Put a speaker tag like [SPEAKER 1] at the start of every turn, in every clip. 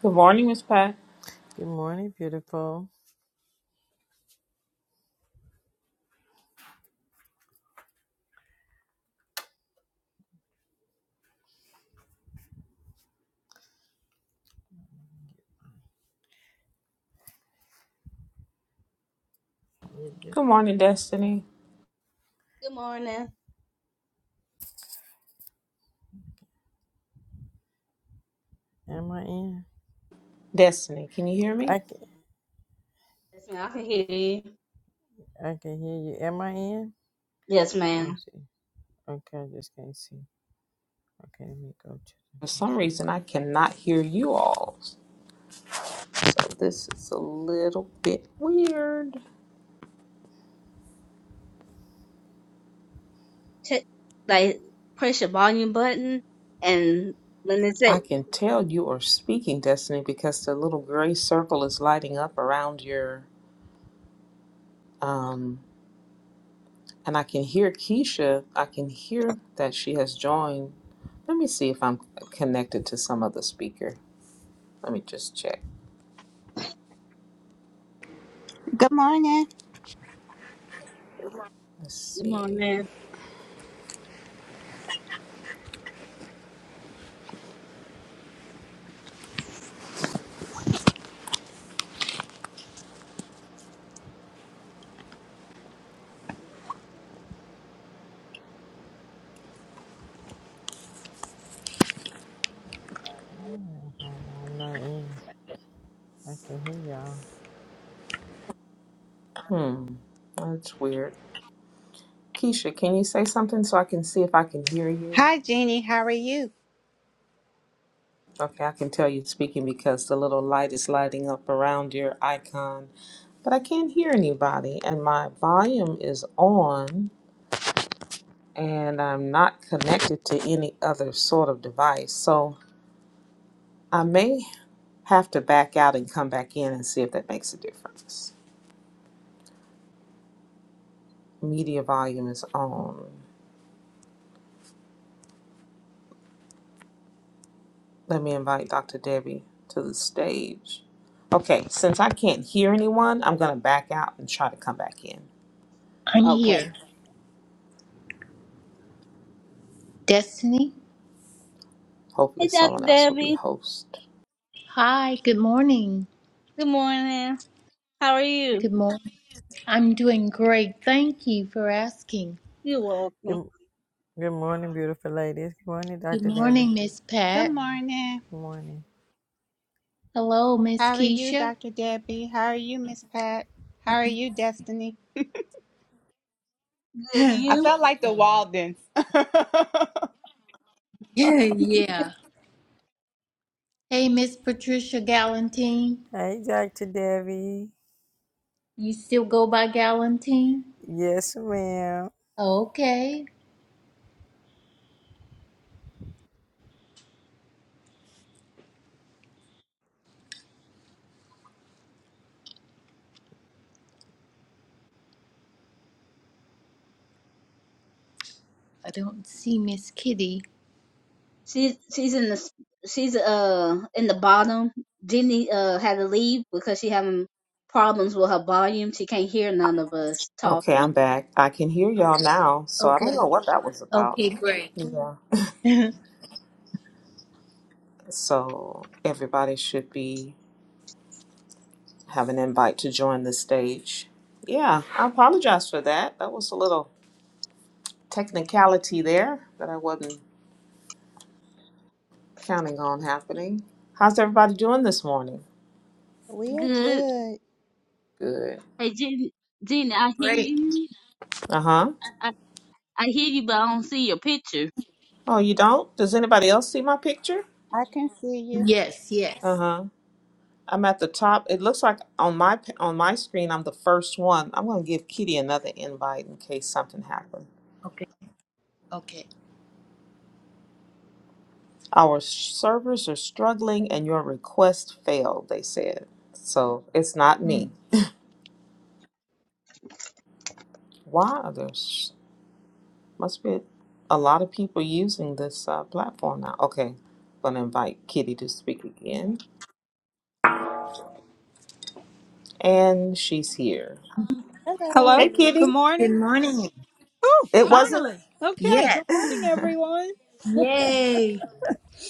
[SPEAKER 1] Good morning, Miss Pat.
[SPEAKER 2] Good morning, beautiful. You do-
[SPEAKER 1] Good morning, Destiny.
[SPEAKER 3] Good morning.
[SPEAKER 2] Am I in?
[SPEAKER 1] Destiny, can you hear me?
[SPEAKER 2] I can,
[SPEAKER 3] Yes, ma'am. I can hear you.
[SPEAKER 2] I can hear you. Am I in?
[SPEAKER 3] Yes,
[SPEAKER 2] Oh,
[SPEAKER 3] ma'am.
[SPEAKER 2] see. Okay, I just can't see. Okay, let me go to the
[SPEAKER 1] For some
[SPEAKER 2] next
[SPEAKER 1] reason, I cannot hear you all. So this is a little bit weird.
[SPEAKER 3] T- like press your volume button, and when it
[SPEAKER 1] I
[SPEAKER 3] say
[SPEAKER 1] can tell you are speaking, Destiny, because the little gray circle is lighting up around your. Um, and I can hear Keisha. I can hear that she has joined. Let me see if I'm connected to some other speaker. Let me just check.
[SPEAKER 4] Good morning.
[SPEAKER 1] Let's
[SPEAKER 3] "Good
[SPEAKER 1] see.
[SPEAKER 3] morning,"
[SPEAKER 2] one. Oh, I'm not in. I can hear y'all.
[SPEAKER 1] Hmm. That's weird. Keisha, can you say something so I can see if I can hear you?
[SPEAKER 4] Hi, Jeannie. How are you?
[SPEAKER 1] Okay, I can tell you're speaking because the little light is lighting up around your icon, but I can't hear anybody, and my volume is on, and I'm not connected to any other sort of device. So I may have to back out and come back in and see if that makes a difference. Media volume is on. Let me invite Dr. Debbie to the stage. Okay, since I can't hear anyone, I'm going to back out and try to come back in.
[SPEAKER 5] I'm
[SPEAKER 3] okay.
[SPEAKER 5] here. Destiny?
[SPEAKER 1] Hopefully,
[SPEAKER 3] Hey, Dr.
[SPEAKER 1] someone else will be
[SPEAKER 3] Debbie.
[SPEAKER 1] host.
[SPEAKER 5] Hi, good morning.
[SPEAKER 3] Good morning. How are you?
[SPEAKER 5] Good morning. I'm doing great. Thank you for asking.
[SPEAKER 3] You're welcome.
[SPEAKER 2] Good, good morning, beautiful ladies. Good morning,
[SPEAKER 5] Good
[SPEAKER 2] Dr. Debbie.
[SPEAKER 5] morning, Miss
[SPEAKER 4] Good
[SPEAKER 5] Pat.
[SPEAKER 4] morning.
[SPEAKER 2] Good morning.
[SPEAKER 5] Hello, Miss
[SPEAKER 4] How are you,
[SPEAKER 5] Keisha.
[SPEAKER 4] Dr. Debbie? How are you, Miss Pat? How are you, Destiny?
[SPEAKER 3] Good.
[SPEAKER 5] yeah.
[SPEAKER 3] And
[SPEAKER 4] I
[SPEAKER 3] you?
[SPEAKER 4] felt like the Waldens.
[SPEAKER 5] Hey, Miss Patricia Galantine.
[SPEAKER 2] Hey, Dr. Debbie.
[SPEAKER 5] You still go by Galantine?
[SPEAKER 2] Yes, ma'am.
[SPEAKER 5] Okay. I don't see Miss Kitty.
[SPEAKER 3] She she's in the s- she's uh in the bottom. Jenny uh had to leave because she having problems with her volume. She can't hear none of us
[SPEAKER 1] Okay,
[SPEAKER 3] talking.
[SPEAKER 1] I'm back. I can hear y'all now, so I
[SPEAKER 5] Okay.
[SPEAKER 1] don't know what that was about.
[SPEAKER 5] Okay, great.
[SPEAKER 1] Yeah. So everybody should be have an invite to join the stage. Yeah, I apologize for that. That was a little technicality there that I wasn't counting on happening. How's everybody doing this morning?
[SPEAKER 4] We are
[SPEAKER 3] Good.
[SPEAKER 4] good.
[SPEAKER 1] Good.
[SPEAKER 3] Hey, Jenny. Jenny, I hear
[SPEAKER 5] great.
[SPEAKER 3] you.
[SPEAKER 1] Uh huh.
[SPEAKER 3] I I hear you, but I don't see your picture.
[SPEAKER 1] Oh, you don't? Does anybody else see my picture?
[SPEAKER 4] I can see you.
[SPEAKER 5] Yes,
[SPEAKER 1] Uh
[SPEAKER 5] yes.
[SPEAKER 1] huh. I'm at the top. It looks like on my p- on my screen, I'm the first one. I'm going to give Kitty another invite in case something happened.
[SPEAKER 5] Okay, okay.
[SPEAKER 1] Our servers are struggling, and your request failed. They said so. It's not me.
[SPEAKER 5] Mm.
[SPEAKER 1] Why are there? s- Must be a lot of people using this uh, platform now. Okay, going to invite Kitty to speak again, and she's here.
[SPEAKER 4] Hello.
[SPEAKER 6] Hello.
[SPEAKER 1] Hey, Kitty.
[SPEAKER 6] Good
[SPEAKER 5] Good
[SPEAKER 6] morning.
[SPEAKER 5] morning.
[SPEAKER 6] Oh,
[SPEAKER 1] It wasn't
[SPEAKER 6] finally. Okay. Good
[SPEAKER 5] Yes.
[SPEAKER 6] morning, everyone.
[SPEAKER 5] Yay.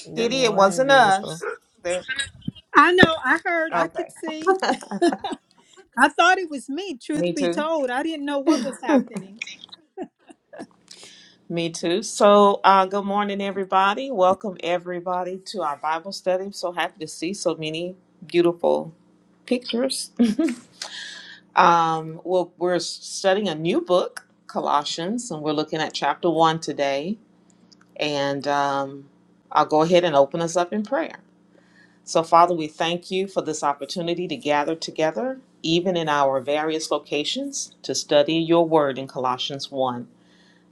[SPEAKER 2] Good
[SPEAKER 1] Kitty. It
[SPEAKER 2] morning,
[SPEAKER 1] wasn't
[SPEAKER 2] beautiful.
[SPEAKER 1] us. There.
[SPEAKER 6] I know. I heard. I could
[SPEAKER 1] Okay.
[SPEAKER 6] see. I thought it was me.
[SPEAKER 1] Me
[SPEAKER 6] Truth be
[SPEAKER 1] too.
[SPEAKER 6] told, I didn't know what was happening.
[SPEAKER 1] Me too. So, uh, good morning, everybody. Welcome, everybody, to our Bible study. I'm so happy to see so many beautiful pictures. Um, well, we're studying a new book, Colossians, and we're looking at chapter one today. And um, I'll go ahead and open us up in prayer. So, Father, we thank you for this opportunity to gather together, even in our various locations, to study your word in Colossians 1.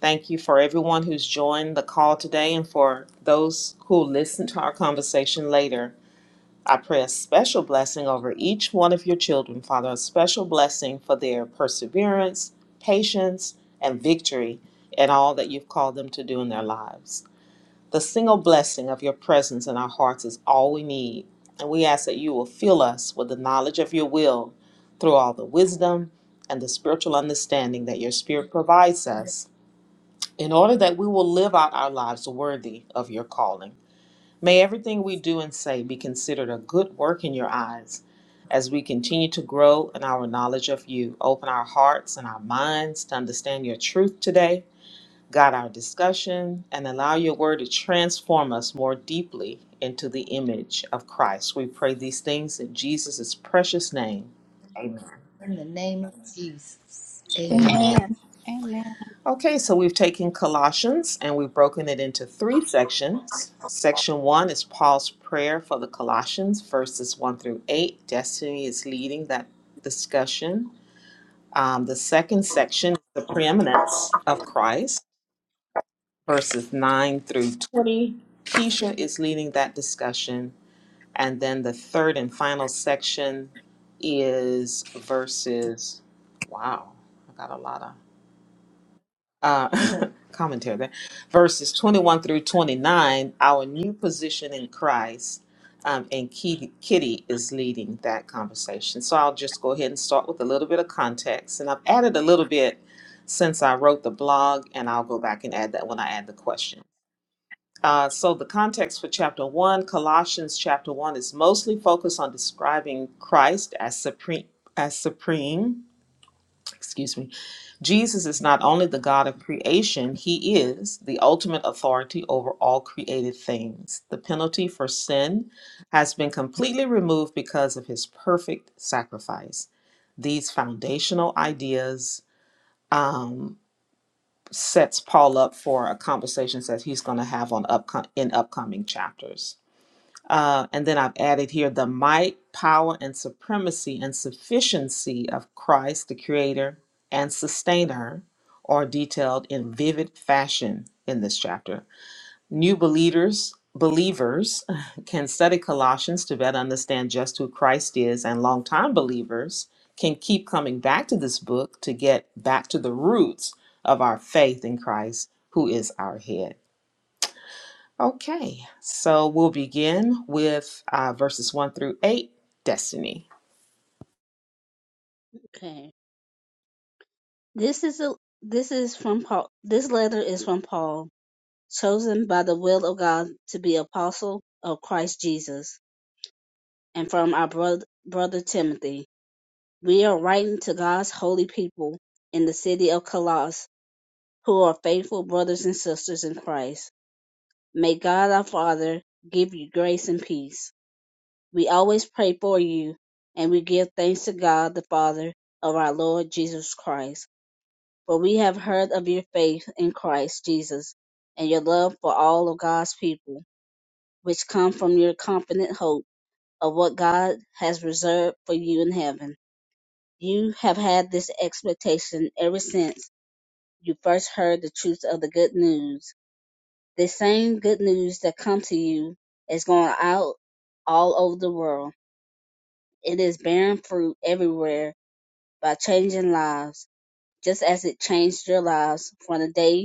[SPEAKER 1] Thank you for everyone who's joined the call today and for those who listen to our conversation later. I pray a special blessing over each one of your children, Father, a special blessing for their perseverance, patience, and victory in all that you've called them to do in their lives. The single blessing of your presence in our hearts is all we need, and we ask that you will fill us with the knowledge of your will through all the wisdom and the spiritual understanding that your Spirit provides us in order that we will live out our lives worthy of your calling. May everything we do and say be considered a good work in your eyes as we continue to grow in our knowledge of you. Open our hearts and our minds to understand your truth today. Guide our discussion and allow your word to transform us more deeply into the image of Christ. We pray these things in Jesus' precious name. Amen.
[SPEAKER 5] In the name of Jesus. Amen.
[SPEAKER 1] Amen.
[SPEAKER 6] Amen.
[SPEAKER 4] Amen.
[SPEAKER 1] Okay, so we've taken Colossians and we've broken it into three sections. Section one is Paul's prayer for the Colossians, verses one through eight. Destiny is leading that discussion. Um, the second section is the preeminence of Christ, verses nine through 20. Keisha is leading that discussion. And then the third and final section is verses, wow, I got a lot of. uh, commentary there, verses 21 through 29, our new position in Christ. Um, and Kitty, Kitty is leading that conversation. So I'll just go ahead and start with a little bit of context. And I've added a little bit since I wrote the blog, and I'll go back and add that when I add the question. Uh, so the context for chapter one, Colossians chapter one, is mostly focused on describing Christ as supreme, as supreme excuse me, Jesus is not only the God of creation, he is the ultimate authority over all created things. The penalty for sin has been completely removed because of his perfect sacrifice. These foundational ideas um, sets Paul up for a conversation that he's going to have on upco- in upcoming chapters. Uh, and then I've added here the might, power, and supremacy and sufficiency of Christ, the creator and sustainer, are detailed in vivid fashion in this chapter. New believers, believers can study Colossians to better understand just who Christ is, and longtime believers can keep coming back to this book to get back to the roots of our faith in Christ, who is our head. Okay, so we'll begin with uh, verses 1 through 8 Destiny.
[SPEAKER 3] Okay. This is a this is from Paul. This letter is from Paul, chosen by the will of God to be apostle of Christ Jesus, and from our brother, brother Timothy. We are writing to God's holy people in the city of Colossus, who are faithful brothers and sisters in Christ. May God our Father give you grace and peace. We always pray for you, and we give thanks to God the Father of our Lord Jesus Christ For we have heard of your faith in Christ Jesus and your love for all of God's people, which come from your confident hope of what God has reserved for you in heaven. You have had this expectation ever since you first heard the truth of the good news. The same good news that come to you is going out all over the world. It is bearing fruit everywhere by changing lives, just as it changed your lives from the day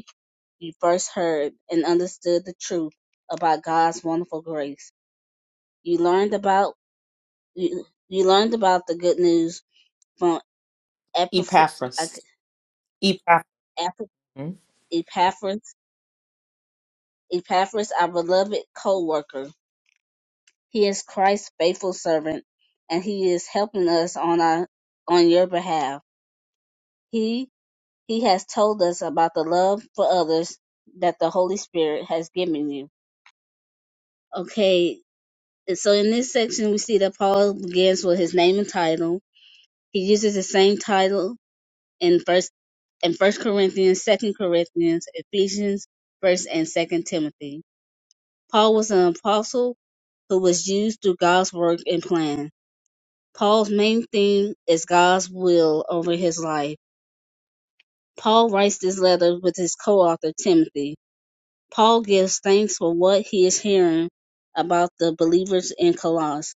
[SPEAKER 3] you first heard and understood the truth about God's wonderful grace. You learned about you, you learned about the good news from Epaphr- Ep-
[SPEAKER 1] Epaphras. Epaphras. mm-hmm.
[SPEAKER 3] Epaphras, Epaphras, our beloved co-worker. He is Christ's faithful servant, and he is helping us on our on your behalf. He he has told us about the love for others that the Holy Spirit has given you. Okay, so in this section we see that Paul begins with his name and title He uses the same title in First in First Corinthians, Second Corinthians, Ephesians, First and Second Timothy. Paul was an apostle who was used through God's work and plan. Paul's main theme is God's will over his life. Paul writes this letter with his co-author Timothy. Paul gives thanks for what he is hearing about the believers in Colossus.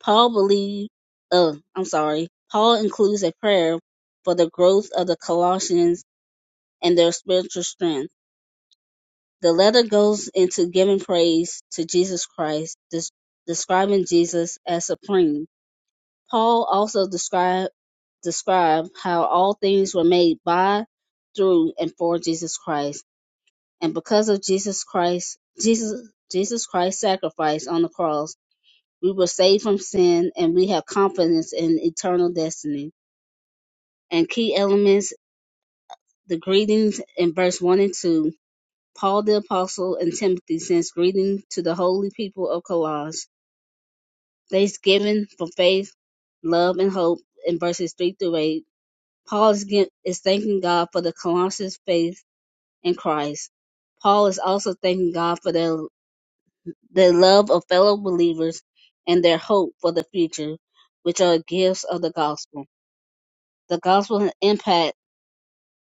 [SPEAKER 3] Paul believed, oh, I'm sorry. Paul includes a prayer for the growth of the Colossians and their spiritual strength. The letter goes into giving praise to Jesus Christ, des- describing Jesus as supreme. Paul also described describe how all things were made by, through, and for Jesus Christ, and because of Jesus Christ, Jesus Jesus Christ's sacrifice on the cross, we were saved from sin, and we have confidence in eternal destiny. And key elements: the greetings in verse one and two Paul the apostle and Timothy sends greeting to the holy people of Colossus. Thanksgiving for faith, love, and hope in verses three through eight. Paul is, gi- is thanking God for the Colossians' faith in Christ. Paul is also thanking God for their their love of fellow believers and their hope for the future, which are gifts of the gospel. The gospel impact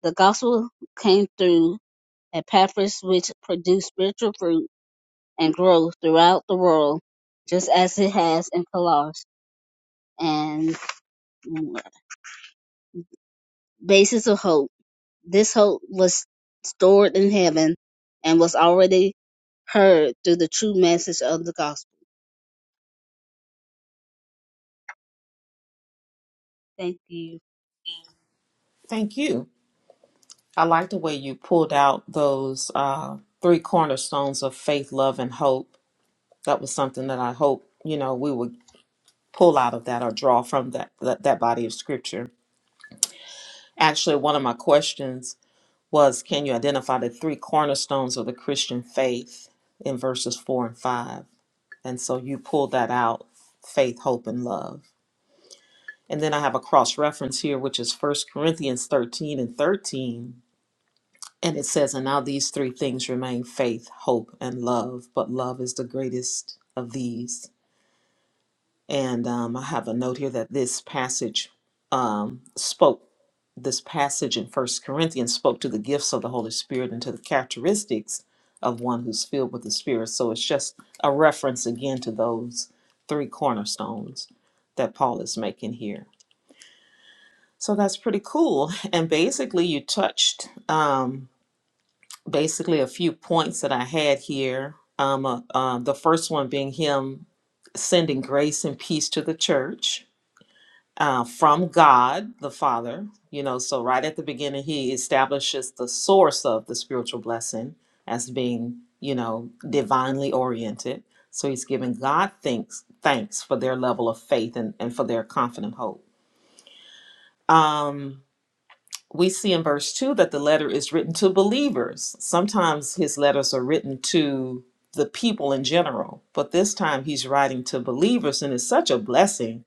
[SPEAKER 3] the gospel came through Epaphras, which produced spiritual fruit and grow throughout the world, just as it has in Colossus, and basis of hope. This hope was stored in heaven and was already heard through the true message of the gospel. Thank you,
[SPEAKER 1] Thank you. I like the way you pulled out those uh, three cornerstones of faith, love, and hope. That was something that I hope, you know, we would pull out of that or draw from that, that, that body of scripture. Actually, one of my questions was can you identify the three cornerstones of the Christian faith in verses 4 and 5? And so you pull that out faith, hope, and love. And then I have a cross reference here, which is First Corinthians 13 and 13. And it says, And now these three things remain faith, hope, and love, but love is the greatest of these. And um, I have a note here that this passage um, spoke, this passage in First Corinthians spoke to the gifts of the Holy Spirit and to the characteristics of one who's filled with the Spirit. So it's just a reference again to those three cornerstones that Paul is making here. So that's pretty cool. And basically, you touched um, basically a few points that I had here. Um, uh, uh, the first one being him sending grace and peace to the church uh, from God the Father. You know, so right at the beginning, he establishes the source of the spiritual blessing as being, you know, divinely oriented. So he's giving God thanks, thanks for their level of faith and, and for their confident hope. Um, we see in verse 2 that the letter is written to believers. Sometimes his letters are written to the people in general, but this time he's writing to believers, and it's such a blessing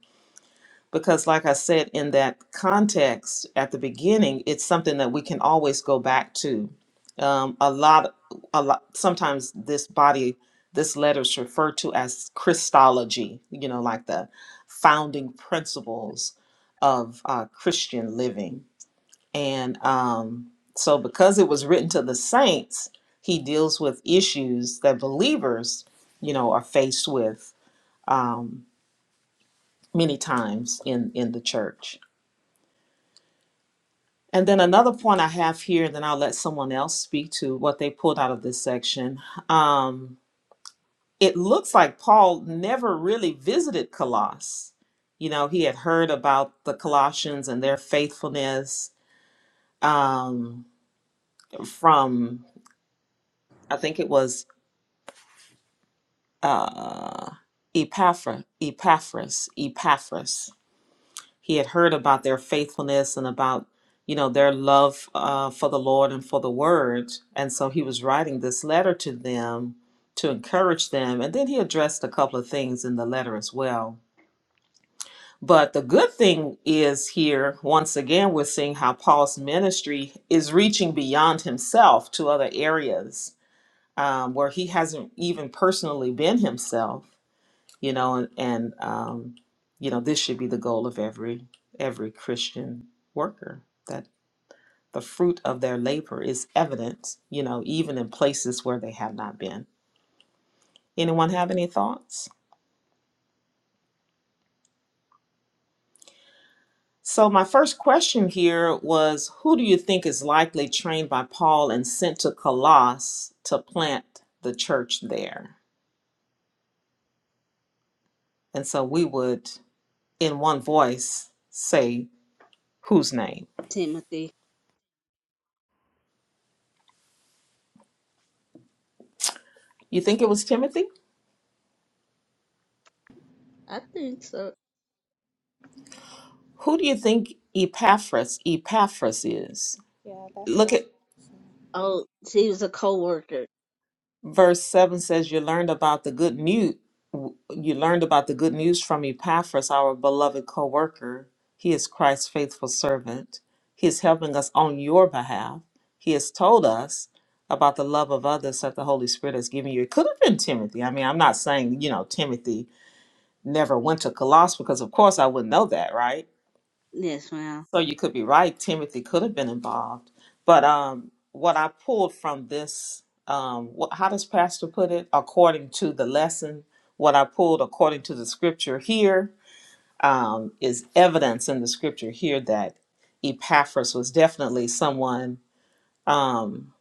[SPEAKER 1] because like i said in that context at the beginning it's something that we can always go back to um, a lot a lot sometimes this body this letter is referred to as christology you know like the founding principles of uh, christian living and um, so because it was written to the saints he deals with issues that believers you know are faced with um, many times in in the church And then another point I have here, then I'll let someone else speak to what they pulled out of this section. Um, it looks like Paul never really visited Colossus. You know, he had heard about the Colossians and their faithfulness um, from, I think it was uh, Epaphra, Epaphras, Epaphras. he had heard about their faithfulness and about you know their love uh, for the lord and for the word and so he was writing this letter to them to encourage them and then he addressed a couple of things in the letter as well but the good thing is here once again we're seeing how paul's ministry is reaching beyond himself to other areas um, where he hasn't even personally been himself you know and, and um, you know this should be the goal of every every christian worker that the fruit of their labor is evident you know even in places where they have not been anyone have any thoughts so my first question here was who do you think is likely trained by paul and sent to colossus to plant the church there and so we would in one voice say whose name
[SPEAKER 3] Timothy.
[SPEAKER 1] you think it was timothy
[SPEAKER 3] I think so.
[SPEAKER 1] Who do you think Epaphras, Epaphras is?
[SPEAKER 4] Yeah, that's
[SPEAKER 1] Look at
[SPEAKER 4] right.
[SPEAKER 3] Oh, she was a co-worker.
[SPEAKER 1] verse 7 says you learned about the good news you learned about the good news from Epaphras, our beloved co-worker. He is Christ's faithful servant. He is helping us on your behalf. He has told us about the love of others that the Holy Spirit has given you. It could have been Timothy. I mean, I'm not saying, you know, Timothy never went to Colossae because of course I wouldn't know that, right?
[SPEAKER 3] Yes, ma'am.
[SPEAKER 1] So you could be right. Timothy could have been involved, but um, what I pulled from this, um, what, how does Pastor put it? According to the lesson, what I pulled according to the scripture here um, is evidence in the scripture here that Epaphras was definitely someone um,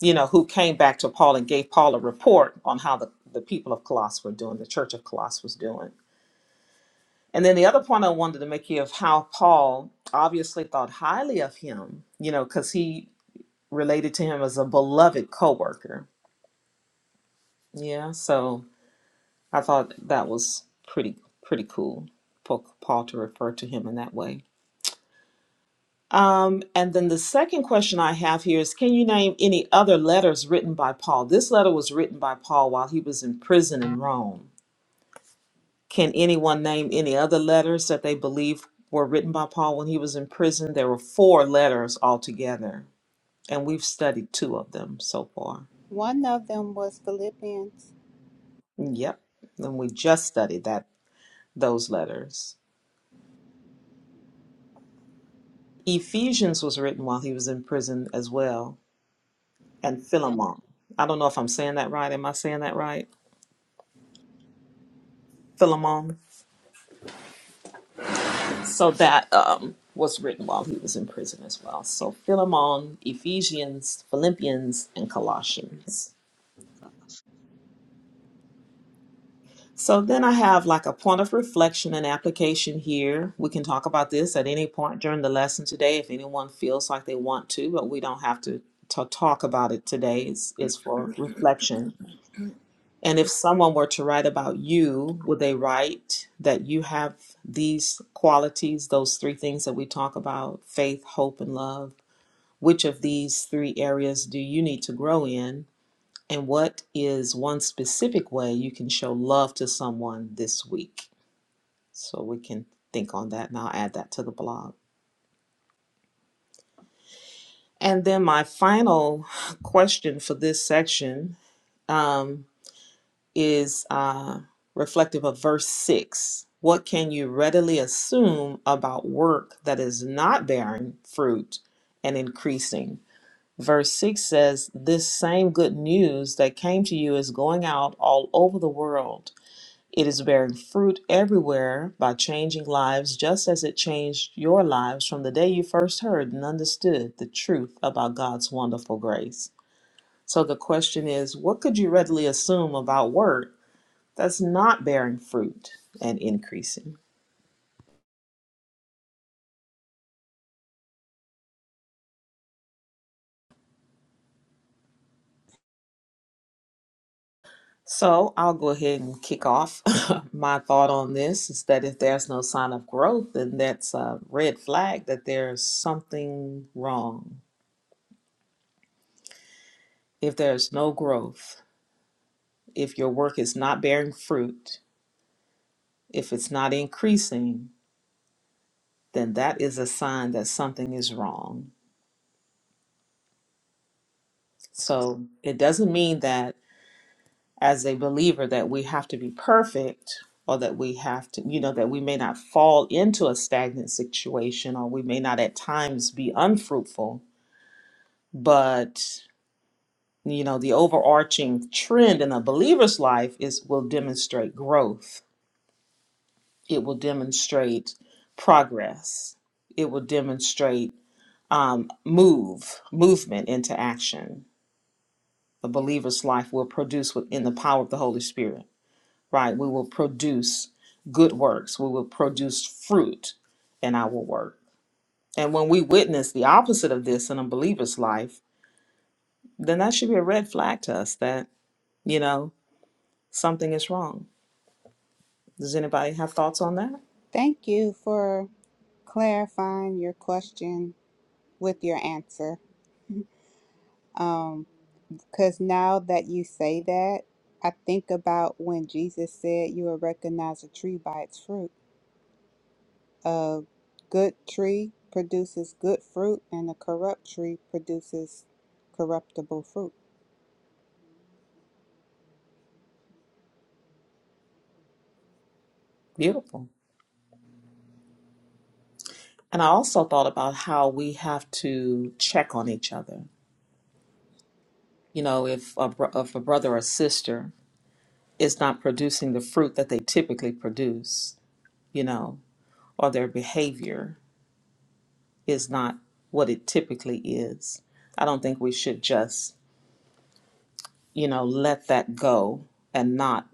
[SPEAKER 1] you know who came back to Paul and gave Paul a report on how the the people of Colossus were doing, the church of Colossus was doing. And then the other point I wanted to make here of how Paul obviously thought highly of him, you know, because he related to him as a beloved coworker. Yeah, so I thought that was pretty pretty cool for Paul to refer to him in that way. Um, and then the second question I have here is, can you name any other letters written by Paul? This letter was written by Paul while he was in prison in Rome. Can anyone name any other letters that they believe were written by Paul when he was in prison? There were four letters altogether, and we've studied two of them so far.
[SPEAKER 4] One of them was Philippians.
[SPEAKER 1] Yep, and we just studied that those letters. Ephesians was written while he was in prison as well, and
[SPEAKER 3] Um,
[SPEAKER 1] Philemon. I don't know if I'm saying that right. Am I saying that right? Philemon. So that um, was written while he was in prison as well. So Philemon, Ephesians, Philippians, and Colossians. So then I have like a point of reflection and application here. We can talk about this at any point during the lesson today if anyone feels like they want to, but we don't have to, to talk about it today. It's, it's for reflection. And if someone were to write about you, would they write that you have these qualities, those three things that we talk about faith, hope, and love? Which of these three areas do you need to grow in? And what is one specific way you can show love to someone this week? So we can think on that and I'll add that to the blog. And then my final question for this section um, is uh, reflective of verse 6. What can you readily assume about work that is not bearing fruit and increasing? Verse 6 says, This same good news that came to you is going out all over the world It is bearing fruit everywhere by changing lives, just as it changed your lives from the day you first heard and understood the truth about God's wonderful grace. So the question is what could you readily assume about work that's not bearing fruit and increasing? So I'll go ahead and kick off. My thought on this is that if there's no sign of growth, then that's a red flag that there's something wrong. If there's no growth, If your work is not bearing fruit, if it's not increasing, then that is a sign that something is wrong. So it doesn't mean that as a believer that we have to be perfect or that we have to, you know, that we may not fall into a stagnant situation or we may not at times be unfruitful, but you know, the overarching trend in a believer's life is will demonstrate growth. It will demonstrate progress. It will demonstrate um, move movement into action the believer's life will produce within the power of the holy spirit right we will produce good works we will produce fruit in our work and when we witness the opposite of this in a believer's life then that should be a red flag to us that you know something is wrong does anybody have thoughts on that
[SPEAKER 4] Thank you for clarifying your question with your answer. Because now that you say that, I think about when Jesus said you will recognize a tree by its fruit. A good tree produces good fruit, and a corrupt tree produces corruptible fruit.
[SPEAKER 1] beautiful and i also thought about how we have to check on each other you know if a, bro- if a brother or sister is not producing the fruit that they typically produce, you know, or their behavior is not what it typically is. I don't think we should just, you know, let that go and not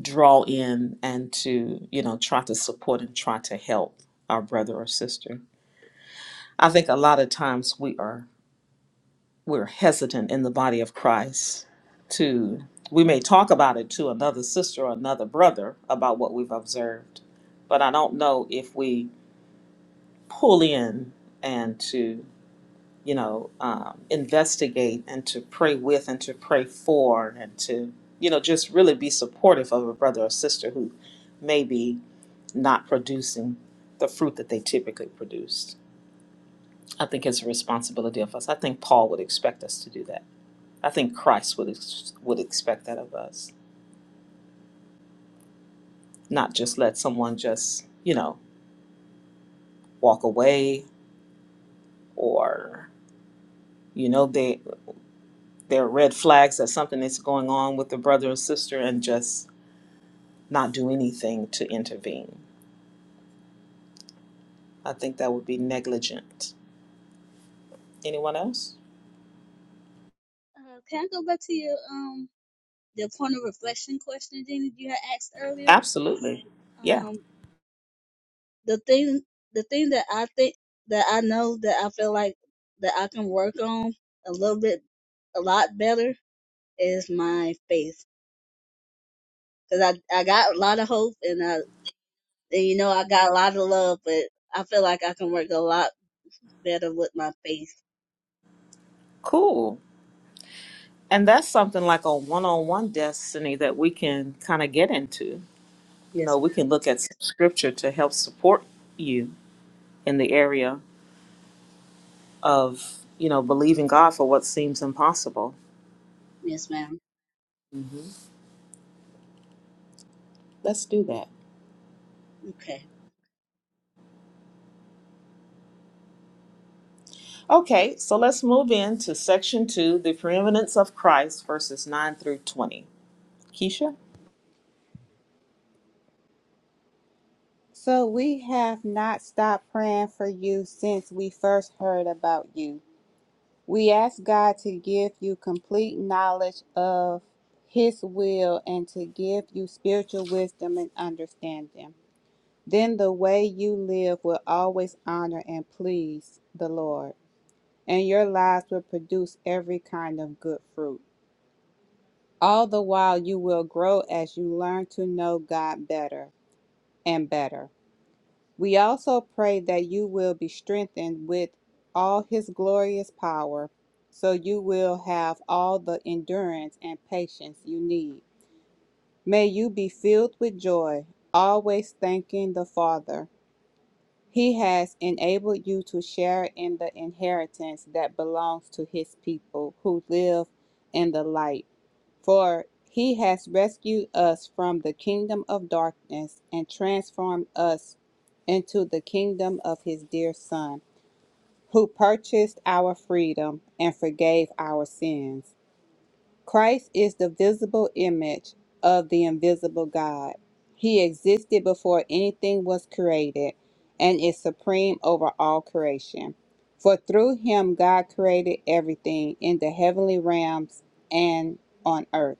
[SPEAKER 1] draw in and to, you know, try to support and try to help our brother or sister. I think a lot of times we are we're hesitant in the body of Christ to we may talk about it to another sister or another brother about what we've observed, but I don't know if we pull in and to you know um, investigate and to pray with and to pray for and to you know just really be supportive of a brother or sister who may be not producing the fruit that they typically produce i think it's a responsibility of us i think paul would expect us to do that i think christ would ex- would expect that of us not just let someone just you know walk away or you know they there are red flags that something is going on with the brother or sister and just not do anything to intervene. I think that would be negligent. Anyone else?
[SPEAKER 3] uh, can I go back to your um the point of reflection question, Jenny, you had asked earlier?
[SPEAKER 1] Absolutely. Yeah.
[SPEAKER 3] Um, the thing the thing that I think that I know that I feel like that I can work on a little bit a lot better is my faith because I I got a lot of hope and I and you know I got a lot of love but I feel like I can work a lot better with my faith
[SPEAKER 1] Cool. And that's something like a one on one destiny that we can kind of get into. You know,
[SPEAKER 3] yes
[SPEAKER 1] we
[SPEAKER 3] ma'am
[SPEAKER 1] can look at some scripture to help support you in the area of, you know, believing God for what seems impossible.
[SPEAKER 3] yes ma'am
[SPEAKER 1] hmm Let's do that.
[SPEAKER 3] okay
[SPEAKER 1] Okay, so let's move into section two, the preeminence of Christ, verses 9 through 20. Keisha?
[SPEAKER 4] So we have not stopped praying for you since we first heard about you. We ask God to give you complete knowledge of His will and to give you spiritual wisdom and understanding. Then the way you live will always honor and please the Lord, and your lives will produce every kind of good fruit. All the while, you will grow as you learn to know God better and better. We also pray that you will be strengthened with all his glorious power, so you will have all the endurance and patience you need. May you be filled with joy, always thanking the Father. He has enabled you to share in the inheritance that belongs to his people who live in the light. For he has rescued us from the kingdom of darkness and transformed us into the kingdom of his dear Son, who purchased our freedom and forgave our sins. Christ is the visible image of the invisible God. He existed before anything was created and is supreme over all creation. For through him God created everything in the heavenly realms and on earth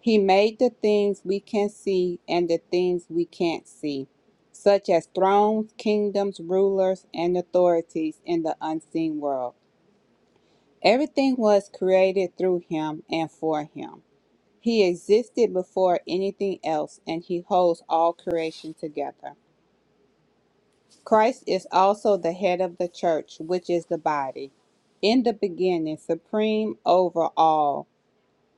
[SPEAKER 4] he made the things we can see and the things we can't see, such as thrones, kingdoms, rulers, and authorities in the unseen world. Everything was created through him and for him. He existed before anything else, and he holds all creation together. Christ is also the head of the church, which is the body. In the beginning, supreme over all,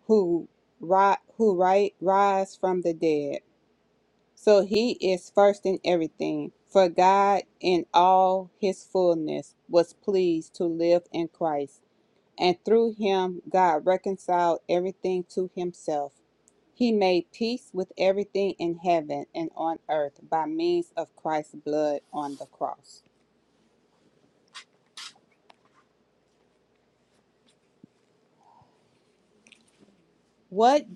[SPEAKER 4] who, ri- who ri- rise from the dead. So he is first in everything. For God, in all his fullness, was pleased to live in Christ, and through him God reconciled everything to himself. He made peace with everything in heaven and on earth by means of Christ's blood on the cross. What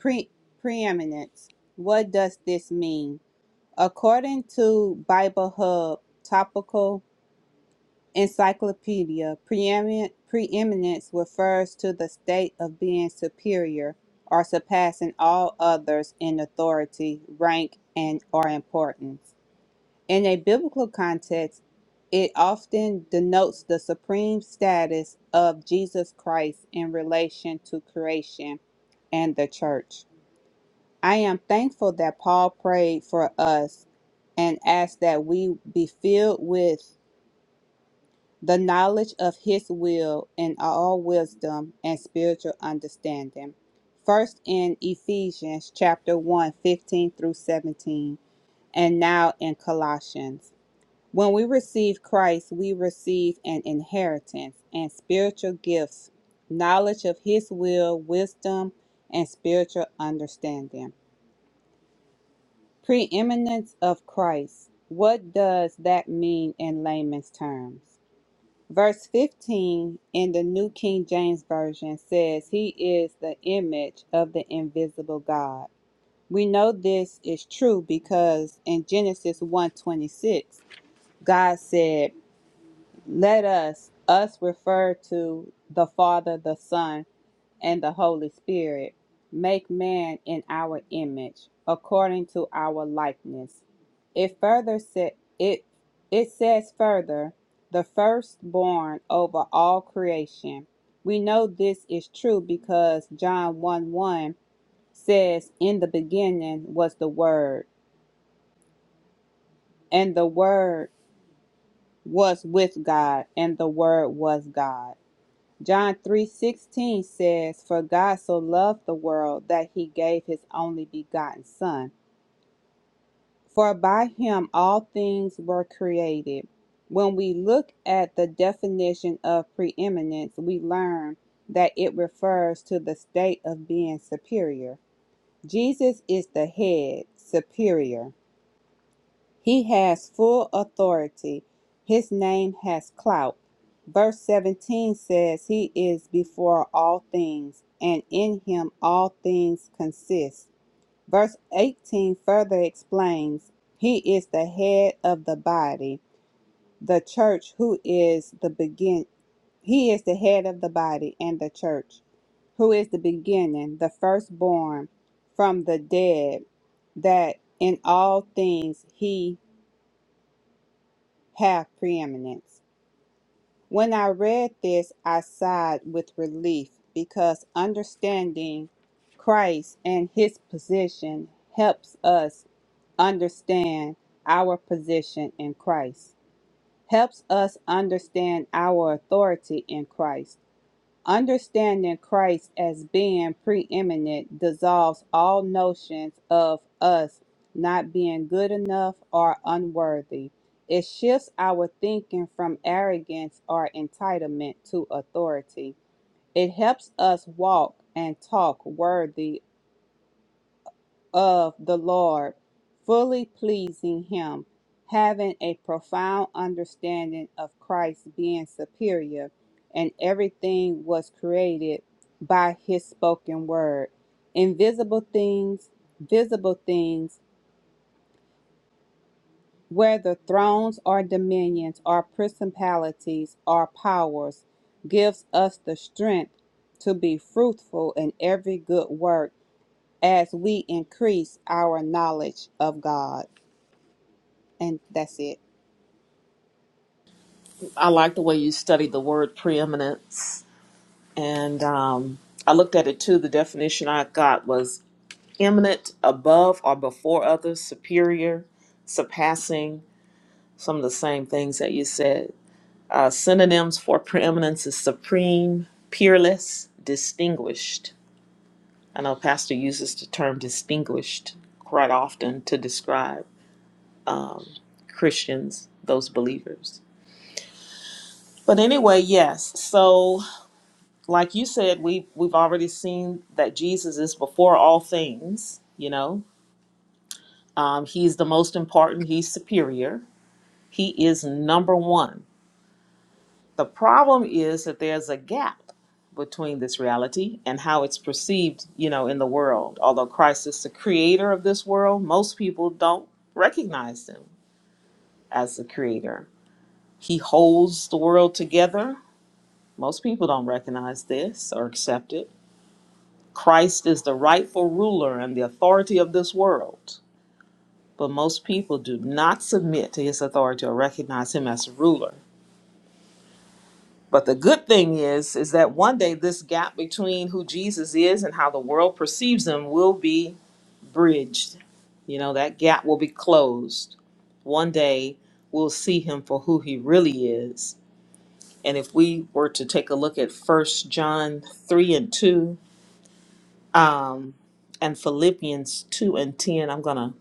[SPEAKER 4] pre- preeminence? What does this mean? According to Bible Hub, topical Encyclopedia Preemin- preeminence refers to the state of being superior or surpassing all others in authority, rank, and or importance. In a biblical context, it often denotes the supreme status of Jesus Christ in relation to creation and the church. I am thankful that Paul prayed for us and asked that we be filled with the knowledge of his will and all wisdom and spiritual understanding. First in Ephesians chapter one 15 through 17, and now in Colossians. When we receive Christ, we receive an inheritance and spiritual gifts, knowledge of his will, wisdom, and spiritual understanding. Preeminence of Christ. What does that mean in layman's terms? Verse 15 in the New King James Version says, He is the image of the invisible God. We know this is true because in Genesis one twenty-six, God said, Let us, us refer to the Father, the Son, and the Holy Spirit, make man in our image, according to our likeness. It further sa- it it says further, the firstborn over all creation. We know this is true because John 1 1 says, In the beginning was the Word, and the Word was with God, and the Word was God. John 3:16 says, "For God so loved the world that he gave his only begotten son, for by him all things were created." When we look at the definition of preeminence, we learn that it refers to the state of being superior. Jesus is the head, superior. He has full authority. His name has clout. Verse 17 says, He is before all things, and in Him all things consist. Verse 18 further explains, He is the head of the body, the church, who is the begin. He is the head of the body and the church, who is the beginning, the firstborn from the dead, that in all things He have preeminence. When I read this, I sighed with relief because understanding Christ and his position helps us understand our position in Christ, helps us understand our authority in Christ Understanding Christ as being preeminent dissolves all notions of us not being good enough or unworthy. It shifts our thinking from arrogance or entitlement to authority. It helps us walk and talk worthy of the Lord, fully pleasing Him, having a profound understanding of Christ being superior, and everything was created by His spoken word. Invisible things, visible things, whether thrones or dominions or principalities or powers, gives us the strength to be fruitful in every good work as we increase our knowledge of God. and that's it.
[SPEAKER 1] I like the way you studied the word preeminence. And um, I looked at it too. The definition I got was eminent, above or before others, superior, surpassing, some of the same things that you said. Uh, synonyms for preeminence is supreme, peerless, distinguished. I know Pastor uses the term distinguished quite often to describe. Christians, those believers. But anyway, yes. So, like you said, we we've already seen that Jesus is before all things. You know, um, he's the most important. He's superior. He is number one. The problem is that there's a gap between this reality and how it's perceived. You know, in the world. Although Christ is the creator of this world, most people don't recognize him as the creator. He holds the world together Most people don't recognize this or accept it. Christ is the rightful ruler and the authority of this world, but most people do not submit to his authority or recognize him as a ruler. But the good thing is is that one day this gap between who Jesus is and how the world perceives him will be bridged. You know, that gap will be closed. One day we'll see him for who he really is. And if we were to take a look at First John 3 and 2, um, and Philippians two and ten. I'm gonna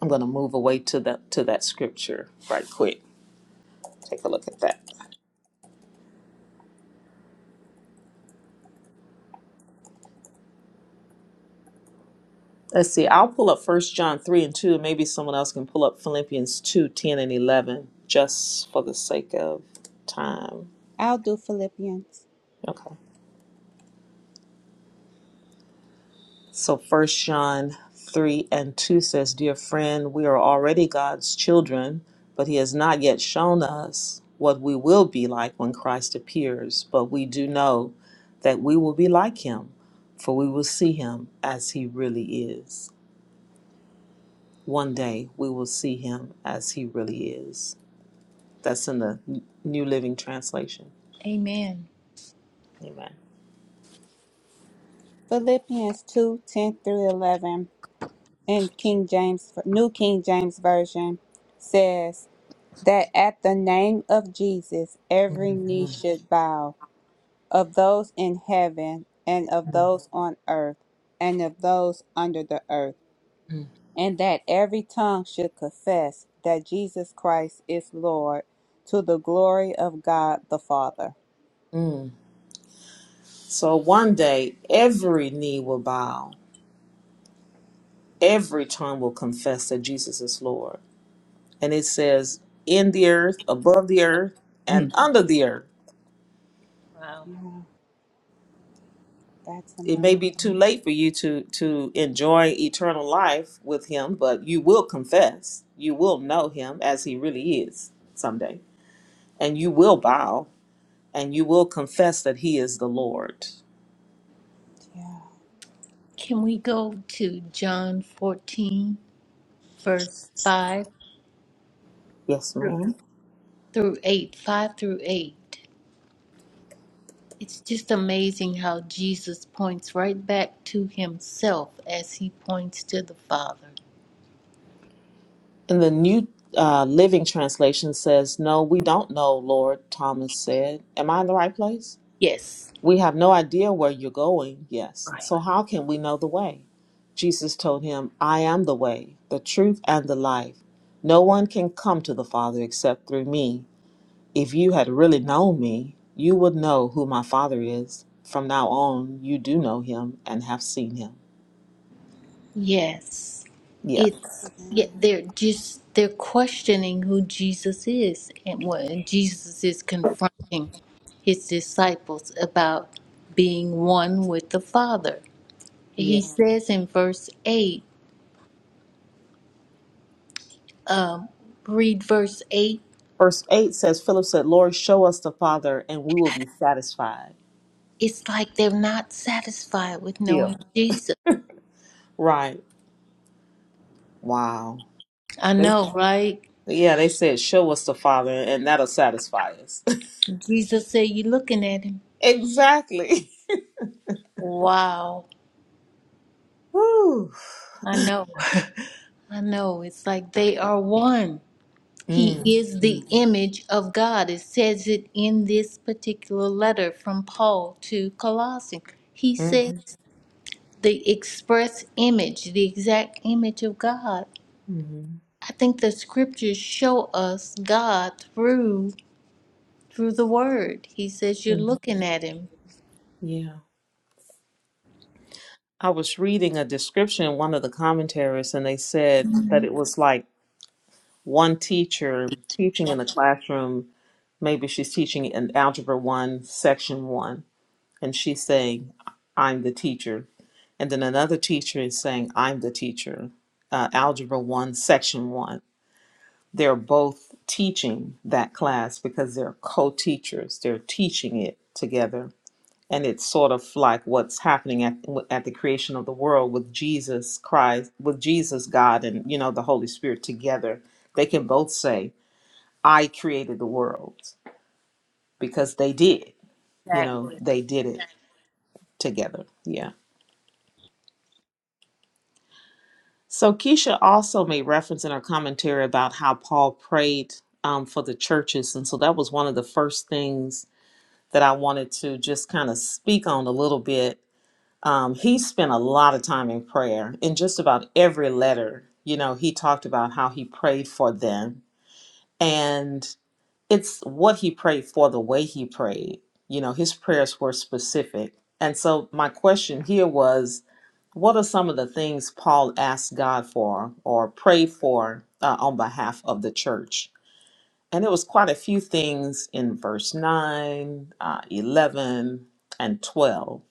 [SPEAKER 1] I'm gonna move away to the to that scripture right quick. Take a look at that. Let's see. I'll pull up First John three and two. Maybe someone else can pull up Philippians two ten and eleven just for the sake of time.
[SPEAKER 4] I'll do Philippians.
[SPEAKER 1] Okay. So first John three and two says, Dear friend, we are already God's children, but he has not yet shown us what we will be like when Christ appears, but we do know that we will be like him, for we will see him as he really is. One day we will see him as he really is. That's in the New Living Translation.
[SPEAKER 5] Amen.
[SPEAKER 1] Amen.
[SPEAKER 4] Philippians 2:10 through 11 in King James, New King James Version says that at the name of Jesus, every knee should bow of those in heaven and of those on earth and of those under the earth, and that every tongue should confess that Jesus Christ is Lord to the glory of God the Father.
[SPEAKER 1] Mm. So one day every knee will bow every tongue will confess that Jesus is Lord. And it says, in the earth, above the earth,
[SPEAKER 5] Hmm.
[SPEAKER 1] and under the earth.
[SPEAKER 5] Wow.
[SPEAKER 4] Yeah, that's
[SPEAKER 1] It may
[SPEAKER 4] amazing.
[SPEAKER 1] be too late for you to to enjoy eternal life with Him, but you will confess, you will know Him as He really is someday, and you will bow and you will confess that He is the Lord.
[SPEAKER 4] Yeah.
[SPEAKER 5] Can we go to John 14, verse 5
[SPEAKER 1] Yes,
[SPEAKER 5] through
[SPEAKER 1] ma'am.
[SPEAKER 5] through 8? 5 through 8. It's just amazing how Jesus points right back to himself as he points to the Father.
[SPEAKER 1] And the New uh, Living Translation says, "No, we don't know, Lord." Thomas said, "Am I in the right place?"
[SPEAKER 5] Yes.
[SPEAKER 1] We have no idea where you're going, yes. So how can we know the way? Jesus told him, I am the way, the truth, and the life. No one can come to the Father except through me. If you had really known me, you would know who my Father is. From now on, you do know him and have seen him.
[SPEAKER 5] Yes.
[SPEAKER 1] Yeah.
[SPEAKER 5] It's yeah, they're just they're questioning who Jesus is and when Jesus is confronting his disciples about being one with the Father.
[SPEAKER 1] Yeah.
[SPEAKER 5] He says in verse 8, um, read verse 8,
[SPEAKER 1] Verse 8 says, Philip said, Lord, show us the Father, and we will be satisfied.
[SPEAKER 5] it's like they're not satisfied with knowing
[SPEAKER 1] Still.
[SPEAKER 5] Jesus.
[SPEAKER 1] Right. Wow.
[SPEAKER 5] I
[SPEAKER 1] They,
[SPEAKER 5] know, right?
[SPEAKER 1] yeah, they said, Show us the Father, and that'll satisfy us.
[SPEAKER 5] Jesus said, You're looking at him.
[SPEAKER 1] Exactly.
[SPEAKER 5] Wow.
[SPEAKER 1] Whew.
[SPEAKER 5] I know. I know. It's like they are one. He
[SPEAKER 1] Mm.
[SPEAKER 5] is the
[SPEAKER 1] Mm.
[SPEAKER 5] image of God. It says it in this particular letter from Paul to Colossians. He says
[SPEAKER 1] Mhm.
[SPEAKER 5] the express image, the exact image of God.
[SPEAKER 1] Mhm.
[SPEAKER 5] I think the scriptures show us God through through the word. He says you're
[SPEAKER 1] Mhm.
[SPEAKER 5] looking at him.
[SPEAKER 1] Yeah. I was reading a description in one of the commentaries, and they said that it was like one teacher teaching in the classroom. Maybe she's teaching in Algebra 1, Section 1, and she's saying, I'm the teacher. And then another teacher is saying, I'm the teacher, uh, Algebra 1, Section 1. they're both teaching that class because they're co-teachers they're teaching it together and it's sort of like what's happening at, at the creation of the world with jesus christ with jesus god and you know the holy spirit together they can both say i created the world because they did you know
[SPEAKER 5] Exactly.
[SPEAKER 1] they did it together yeah so keisha also made reference in her commentary about how paul prayed um, for the churches and so that was one of the first things that I wanted to just kind of speak on a little bit. Um, he spent a lot of time in prayer. In just about every letter, you know, he talked about how he prayed for them. And it's what he prayed for, the way he prayed. You know, his prayers were specific. And so my question here was what are some of the things Paul asked God for or prayed for uh, on behalf of the church? And it was quite a few things in verse 9, uh, 11, and 12.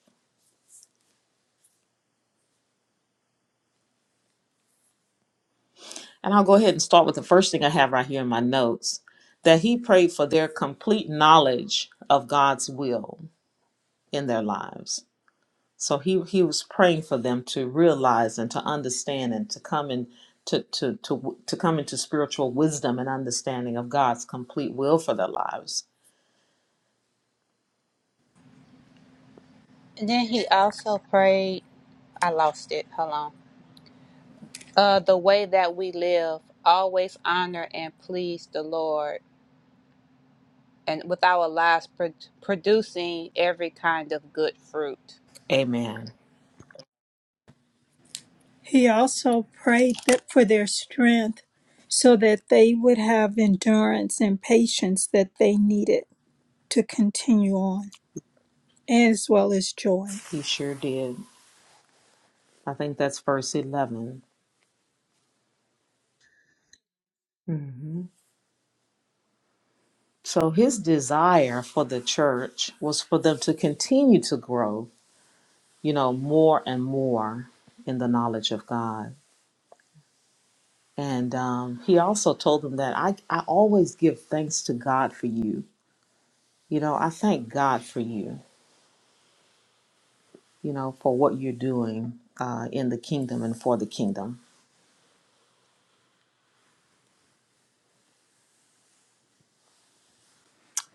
[SPEAKER 1] And I'll go ahead and start with the first thing I have right here in my notes that he prayed for their complete knowledge of God's will in their lives. So he, he was praying for them to realize and to understand and to come in to, to, to, to come into spiritual wisdom and understanding of God's complete will for their lives.
[SPEAKER 4] And then he also prayed, I lost it, hold on. Uh, the way that we live, always honor and please the Lord, and with our lives pro- producing every kind of good fruit.
[SPEAKER 1] Amen.
[SPEAKER 6] He also prayed that for their strength, so that they would have endurance and patience that they needed to continue on, as well as joy.
[SPEAKER 1] He sure did. I think that's verse 11. Mhm. So his desire for the church was for them to continue to grow, you know, more and more in the knowledge of God. And um, he also told them that I, I always give thanks to God for you. You know, I thank God for you, you know, for what you're doing uh, in the kingdom and for the kingdom.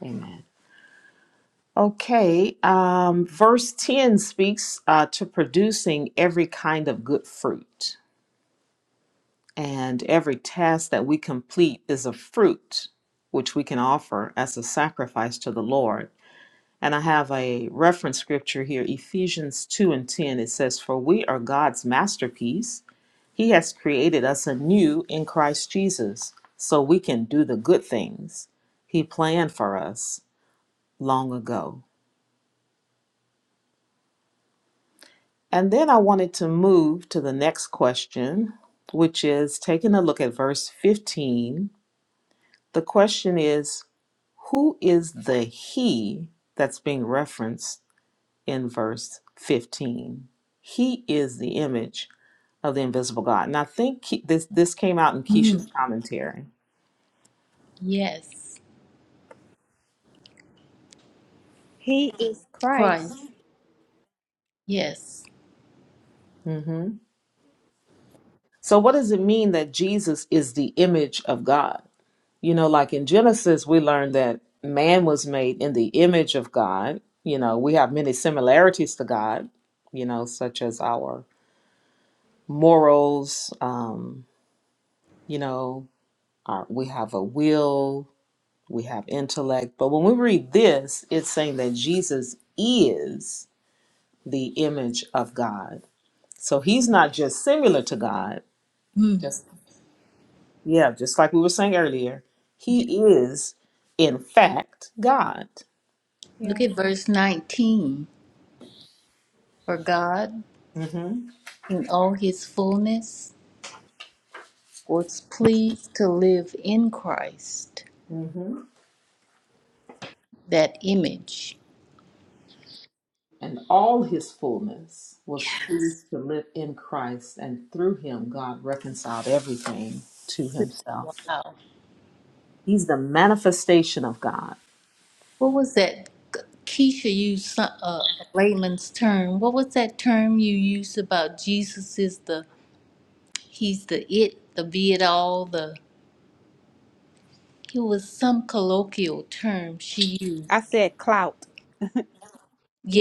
[SPEAKER 1] Amen. Okay, um, verse 10 speaks uh, to producing every kind of good fruit. And every task that we complete is a fruit which we can offer as a sacrifice to the Lord. And I have a reference scripture here, Ephesians 2 and 10. It says, For we are God's masterpiece. He has created us anew in Christ Jesus so we can do the good things He planned for us long ago. And then I wanted to move to the next question, which is taking a look at verse 15 The question is who is the he that's being referenced in verse 15? He is the image of the invisible God. And I think Ke- this, this came out in
[SPEAKER 5] Mm,
[SPEAKER 1] Keisha's commentary.
[SPEAKER 5] yes.
[SPEAKER 4] He is
[SPEAKER 5] Christ.
[SPEAKER 4] Christ.
[SPEAKER 5] Yes.
[SPEAKER 1] hmm So, what does it mean that Jesus is the image of God? You know, like in Genesis, we learned that man was made in the image of God. You know, we have many similarities to God, you know, such as our morals, um, you know, Our, we have a will, we have intellect. But when we read this, it's saying that Jesus is the image of God. So he's not just similar to God,
[SPEAKER 5] Mm,
[SPEAKER 1] just yeah, just like we were saying earlier,
[SPEAKER 5] yes.
[SPEAKER 1] he is in fact God.
[SPEAKER 5] Look
[SPEAKER 4] Yeah.
[SPEAKER 5] at verse 19. For God
[SPEAKER 1] hmm
[SPEAKER 5] in all his fullness. was pleased to live in Christ,
[SPEAKER 1] hmm
[SPEAKER 5] that image.
[SPEAKER 1] And all his fullness was pleased to live in Christ, and through him, God reconciled everything to himself.
[SPEAKER 5] Wow.
[SPEAKER 1] He's the manifestation of God.
[SPEAKER 5] What was that? Keisha used some, uh, a layman's term. What was that term you used about Jesus is the, he's the it, the be it all, the, it was some colloquial term she
[SPEAKER 4] I
[SPEAKER 5] used.
[SPEAKER 4] said clout.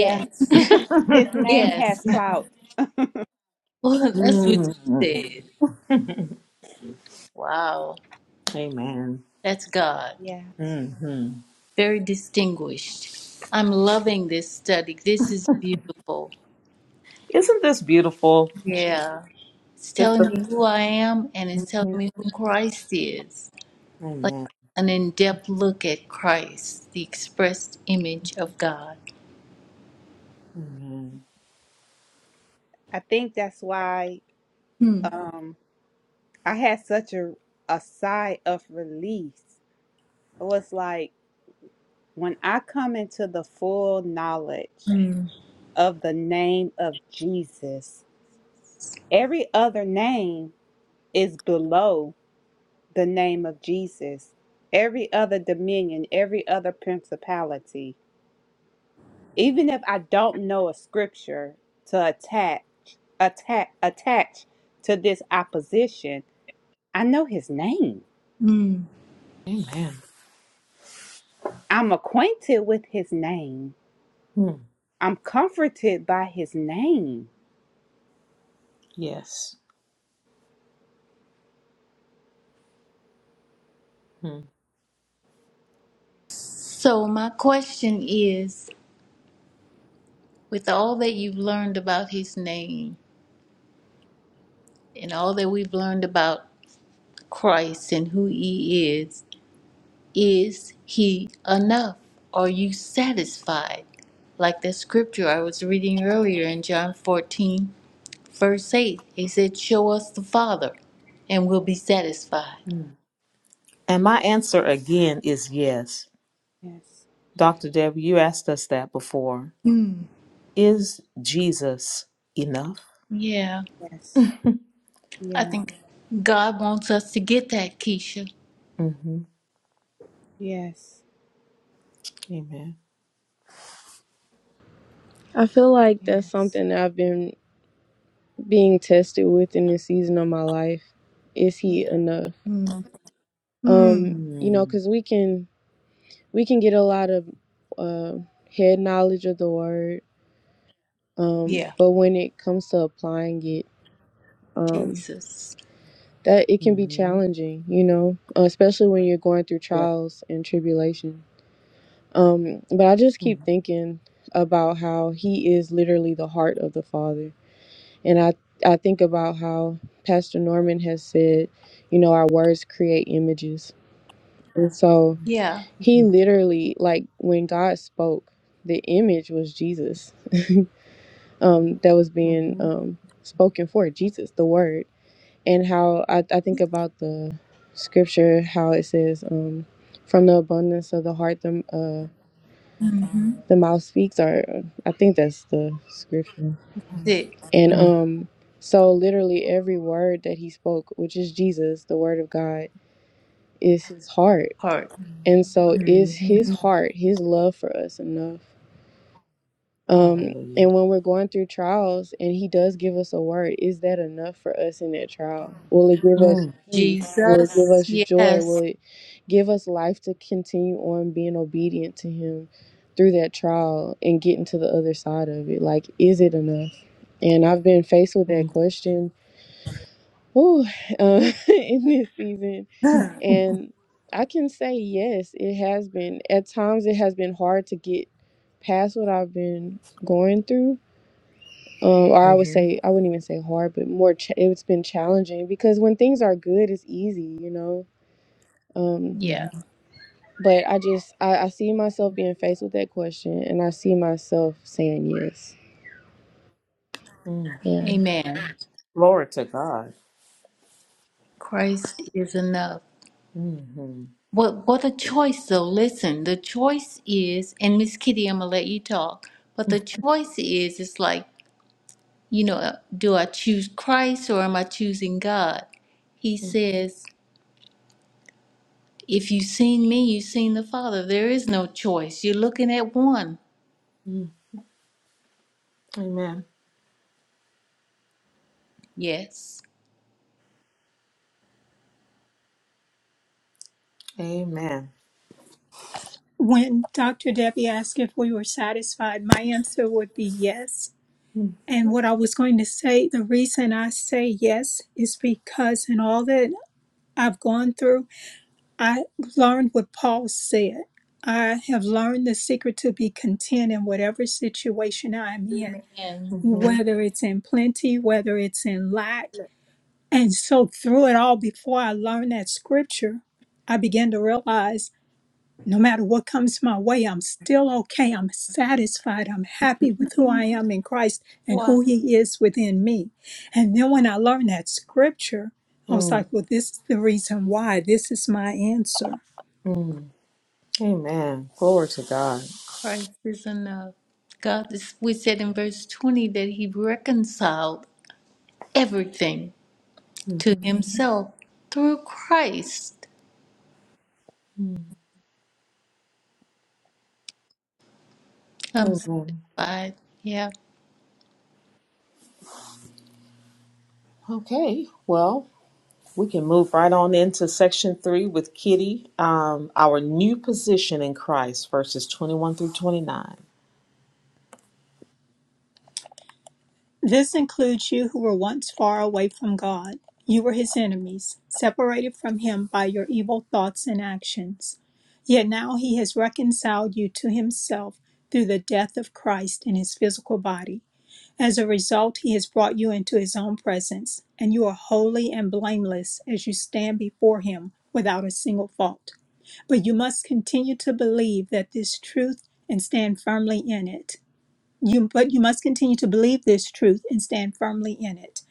[SPEAKER 4] Yeah. His name has
[SPEAKER 5] yes.
[SPEAKER 4] clout.
[SPEAKER 5] Well, that's what you
[SPEAKER 1] Mm,
[SPEAKER 5] said. Wow,
[SPEAKER 1] Amen.
[SPEAKER 5] that's God.
[SPEAKER 4] Yeah.
[SPEAKER 1] hmm
[SPEAKER 5] Very distinguished. I'm loving this study. This is beautiful.
[SPEAKER 1] Isn't this beautiful?
[SPEAKER 5] Yeah. It's
[SPEAKER 1] Just
[SPEAKER 5] telling me
[SPEAKER 1] the
[SPEAKER 5] who I am and it's telling
[SPEAKER 1] Mhm.
[SPEAKER 5] me who Christ is. Like
[SPEAKER 1] Amen.
[SPEAKER 5] an in depth look at Christ, the expressed image of God.
[SPEAKER 1] Amen.
[SPEAKER 4] I think that's why
[SPEAKER 5] Hmm.
[SPEAKER 4] um I had such a a sigh of release. It was like when I come into the full knowledge.
[SPEAKER 5] Hmm.
[SPEAKER 4] of the name of Jesus. Every other name is below the name of Jesus. Every other dominion, every other principality. Even if I don't know a scripture to attach, attack, attach to this opposition, I know his name.
[SPEAKER 5] Hmm.
[SPEAKER 1] Amen.
[SPEAKER 4] I'm acquainted with his name.
[SPEAKER 1] Mm,
[SPEAKER 4] I'm comforted by his name.
[SPEAKER 1] Yes. Mm,
[SPEAKER 5] So, my question is with all that you've learned about his name and all that we've learned about Christ and who he is, is he enough? Are you satisfied? Like the scripture I was reading earlier in John 14 Verse 8, he said, Show us the Father and we'll be satisfied.
[SPEAKER 1] mm. And my answer again is yes.
[SPEAKER 4] Yes,
[SPEAKER 1] Dr. Debbie, you asked us that before.
[SPEAKER 5] Mm,
[SPEAKER 1] Is Jesus enough?
[SPEAKER 5] Yeah,
[SPEAKER 4] yes,
[SPEAKER 5] I
[SPEAKER 4] yes,
[SPEAKER 5] think God wants us to get that, Keisha.
[SPEAKER 1] hmm
[SPEAKER 4] yes,
[SPEAKER 1] Amen.
[SPEAKER 7] I feel like that's
[SPEAKER 4] yes.
[SPEAKER 7] something that I've been being tested with in this season of my life. Is he enough?
[SPEAKER 5] mm,
[SPEAKER 7] Um,
[SPEAKER 5] mm.
[SPEAKER 7] you know,
[SPEAKER 1] Mm.
[SPEAKER 7] because we can we can get a lot of uh, head knowledge of the word, um,
[SPEAKER 5] Yeah,
[SPEAKER 7] but when it comes to applying it, um,
[SPEAKER 5] Jesus.
[SPEAKER 7] that it can be
[SPEAKER 1] hmm
[SPEAKER 7] challenging. You know, uh, especially when you're going through
[SPEAKER 1] Yeah.
[SPEAKER 7] trials and tribulation. Um, but I just keep
[SPEAKER 1] Mm-hmm.
[SPEAKER 7] thinking about how he is literally the heart of the Father And I, I think about how Pastor Norman has said, you know, our words create images. And so
[SPEAKER 5] Yeah,
[SPEAKER 7] he literally, like when God spoke, the image was Jesus um, that was being
[SPEAKER 1] hmm
[SPEAKER 7] um, spoken for, Jesus, the word. And how I, I think about the scripture, how it says, um, from the abundance of the heart, the, uh,
[SPEAKER 5] Mm-hmm.
[SPEAKER 7] The mouth speaks, or I think that's the scripture.
[SPEAKER 5] sick
[SPEAKER 7] And
[SPEAKER 1] Mm.
[SPEAKER 7] um, so literally every word that he spoke, which is Jesus, the word of God, is his heart.
[SPEAKER 5] heart.
[SPEAKER 7] And so is
[SPEAKER 5] Mm-hmm.
[SPEAKER 7] his heart, his love for us enough? Um,
[SPEAKER 1] Hallelujah.
[SPEAKER 7] and when we're going through trials and he does give us a word, is that enough for us in that trial? Will it give us
[SPEAKER 1] Mm.
[SPEAKER 7] peace? Will it give
[SPEAKER 5] Jesus.
[SPEAKER 7] us joy?
[SPEAKER 5] Yes.
[SPEAKER 7] Will it give us life to continue on being obedient to him through that trial and getting to the other side of it? Like, is it enough? And I've been faced with
[SPEAKER 1] Mm-hmm.
[SPEAKER 7] that question whew, uh, in this season.
[SPEAKER 5] mm
[SPEAKER 7] And I can say yes, it has been. At times, it has been hard to get past what I've been going through um, or I would
[SPEAKER 1] hmm
[SPEAKER 7] say I wouldn't even say hard, but more ch- it's been challenging because when things are good, it's easy, you know. Um,
[SPEAKER 5] Yeah.
[SPEAKER 7] but I just I, I see myself being faced with that question, and I see myself saying yes.
[SPEAKER 1] hmm
[SPEAKER 7] Yeah.
[SPEAKER 5] Amen.
[SPEAKER 1] Glory to God.
[SPEAKER 5] Christ is enough.
[SPEAKER 1] hmm
[SPEAKER 5] What what a choice though. Listen, the choice is and Miss Kitty, I'm gonna let you talk, but the choice is it's like you know, do I choose Christ or am I choosing God? He says, if you've seen me, you've seen the Father. There is no choice. You're looking at one.
[SPEAKER 1] Mm. Amen.
[SPEAKER 5] Yes.
[SPEAKER 1] Amen.
[SPEAKER 6] When Dr. Debbie asked if we were satisfied, my answer would be yes
[SPEAKER 1] Mm-hmm.
[SPEAKER 6] And what I was going to say, the reason I say yes is because in all that I've gone through, I learned what Paul said. I have learned the secret to be content in whatever situation I'm in,
[SPEAKER 5] And
[SPEAKER 1] mm
[SPEAKER 6] whether it's in plenty, whether it's in lack. And so, through it all, before I learned that scripture, I began to realize no matter what comes my way, I'm still okay. I'm satisfied. I'm happy with who I am in Christ and
[SPEAKER 5] why
[SPEAKER 6] who He is within me. And then when I learned that scripture, I was like, well, this is the reason why. This is my answer.
[SPEAKER 1] mm Amen. Glory to God.
[SPEAKER 5] Christ is enough. God, is, we said in verse 20 that he reconciled everything
[SPEAKER 1] hmm
[SPEAKER 5] to himself through Christ. I'm
[SPEAKER 1] Amen.
[SPEAKER 5] satisfied. Yeah.
[SPEAKER 1] Okay. Well, we can move right on into section three with Kitty. Um, our new position in Christ, verses twenty-one through twenty-nine.
[SPEAKER 6] This includes you who were once far away from God. You were His enemies, separated from Him by your evil thoughts and actions. Yet now He has reconciled you to Himself through the death of Christ in His physical body As a result, he has brought you into his own presence, and you are holy and blameless as you stand before him without a single fault. But you must continue to believe that this truth and stand firmly in it. You, but you must continue to believe this truth and stand firmly in it.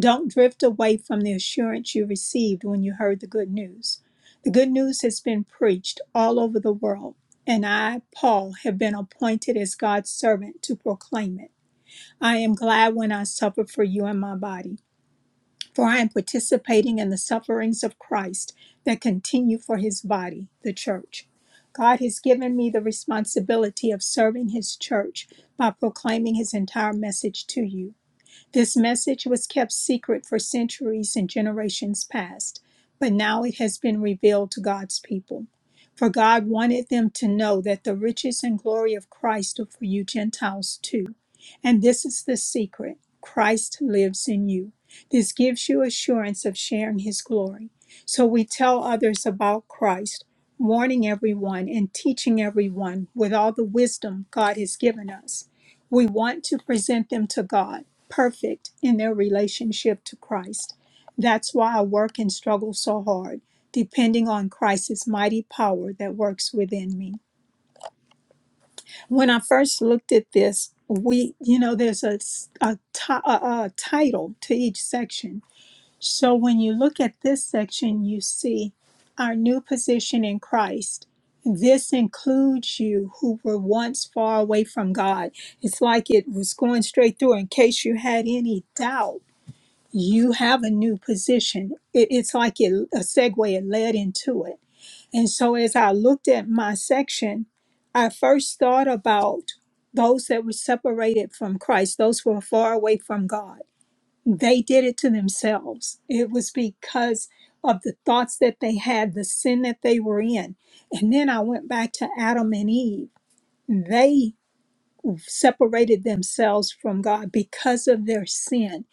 [SPEAKER 6] Don't drift away from the assurance you received when you heard the good news. The good news has been preached all over the world, and I, Paul, have been appointed as God's servant to proclaim it. I am glad when I suffer for you in my body, for I am participating in the sufferings of Christ that continue for his body, the church. God has given me the responsibility of serving his church by proclaiming his entire message to you. This message was kept secret for centuries and generations past, but now it has been revealed to God's people. For God wanted them to know that the riches and glory of Christ are for you Gentiles too. And this is the secret Christ lives in you. This gives you assurance of sharing his glory. So we tell others about Christ, warning everyone and teaching everyone with all the wisdom God has given us. We want to present them to God, perfect in their relationship to Christ. That's why I work and struggle so hard, depending on Christ's mighty power that works within me. When I first looked at this, we, you know, there's a, s- a, ti- a, a title to each section so when you look at this section, you see our new position in Christ. This includes you who were once far away from God. It's like it was going straight through. In case you had any doubt, you have a new position. It- it's like it, a segue, it led into it. And so as I looked at my section, I first thought about those that were separated from Christ, those who were far away from God they did it to themselves. It was because of the thoughts that they had, the sin that they were in. And then I went back to Adam and Eve. They separated themselves from God because of their sin.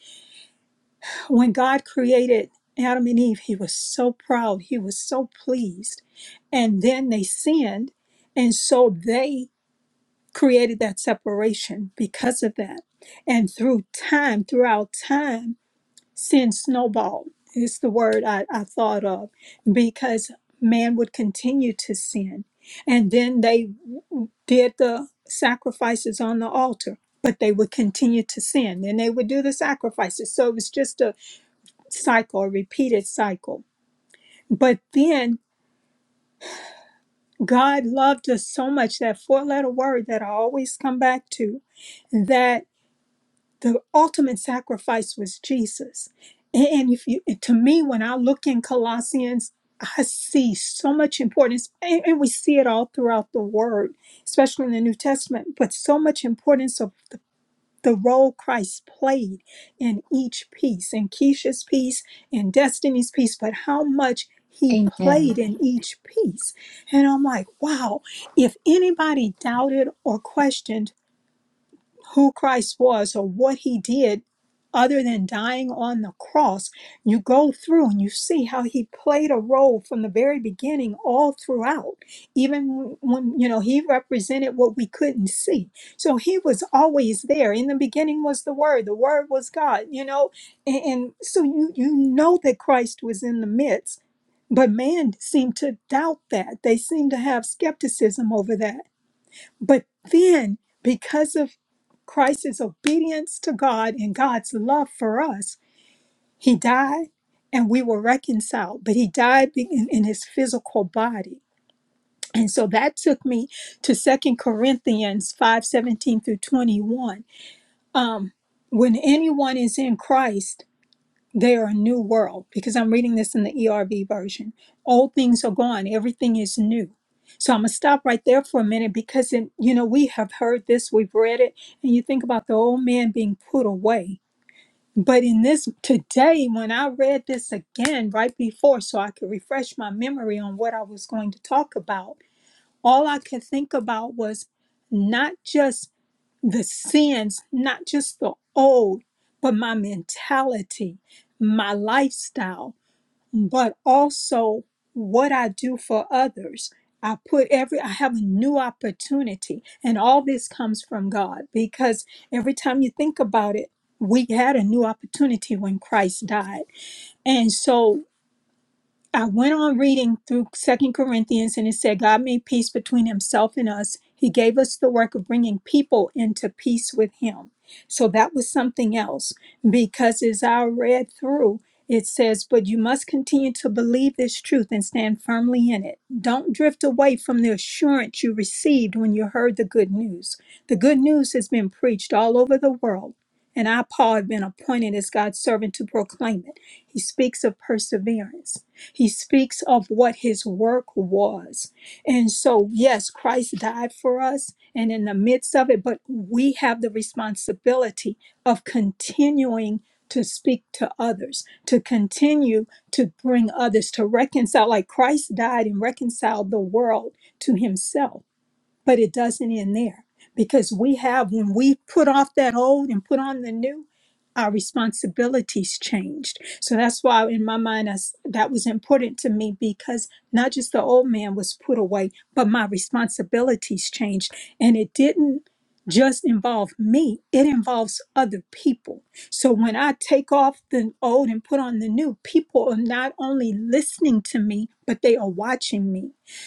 [SPEAKER 6] When God created Adam and Eve, he was so proud, he was so pleased. And then they sinned. And so they created that separation because of that. And through time, throughout time, Sin snowballed is the word I, I thought of because man would continue to sin. And then they did the sacrifices on the altar, but they would continue to sin and they would do the sacrifices. So it was just a cycle, a repeated cycle. But then God loved us so much that four letter word that I always come back to that the ultimate sacrifice was Jesus. And, and if you, to me, when I look in Colossians, I see so much importance, and, and we see it all throughout the Word, especially in the New Testament, but so much importance of the, the role Christ played in each piece, in Keisha's piece, in Destiny's piece, but how much he
[SPEAKER 5] Amen.
[SPEAKER 6] played in each piece. And I'm like, wow, if anybody doubted or questioned, who Christ was or what he did other than dying on the cross, you go through and you see how he played a role from the very beginning all throughout. Even when, you know, he represented what we couldn't see. So he was always there. In the beginning was the word, the word was God, you know. And, and so you you know that Christ was in the midst, but man seemed to doubt that. They seemed to have skepticism over that. But then because of Christ's obedience to God and God's love for us. He died and we were reconciled, but he died in, in his physical body. And so that took me to Second Corinthians 5 17 through 21. Um, when anyone is in Christ, they are a new world because I'm reading this in the ERV version. Old things are gone, everything is new. So I'm going to stop right there for a minute because, in, you know, we have heard this, we've read it, and you think about the old man being put away. But in this today, when I read this again right before, so I could refresh my memory on what I was going to talk about, all I could think about was not just the sins, not just the old, but my mentality, my lifestyle, but also what I do for others. I put every, I have a new opportunity. And all this comes from God because every time you think about it, we had a new opportunity when Christ died. And so I went on reading through Second Corinthians and it said God made peace between himself and us. He gave us the work of bringing people into peace with him. So that was something else because as I read through, it says, but you must continue to believe this truth and stand firmly in it. Don't drift away from the assurance you received when you heard the good news. The good news has been preached all over the world, and I, Paul, have been appointed as God's servant to proclaim it. He speaks of perseverance. He speaks of what his work was. And so, yes, Christ died for us and in the midst of it, but we have the responsibility of continuing to speak to others, to continue to bring others to reconcile, like Christ died and reconciled the world to himself but it doesn't end there because we have, when we put off that old and put on the new, our responsibilities changed. So that's why, in my mind, I s that was important to me because not just the old man was put away, but my responsibilities changed. And it didn't just involve me, it involves other people. So when I take off the old and put on the new, people are not only listening to me, but they are watching me.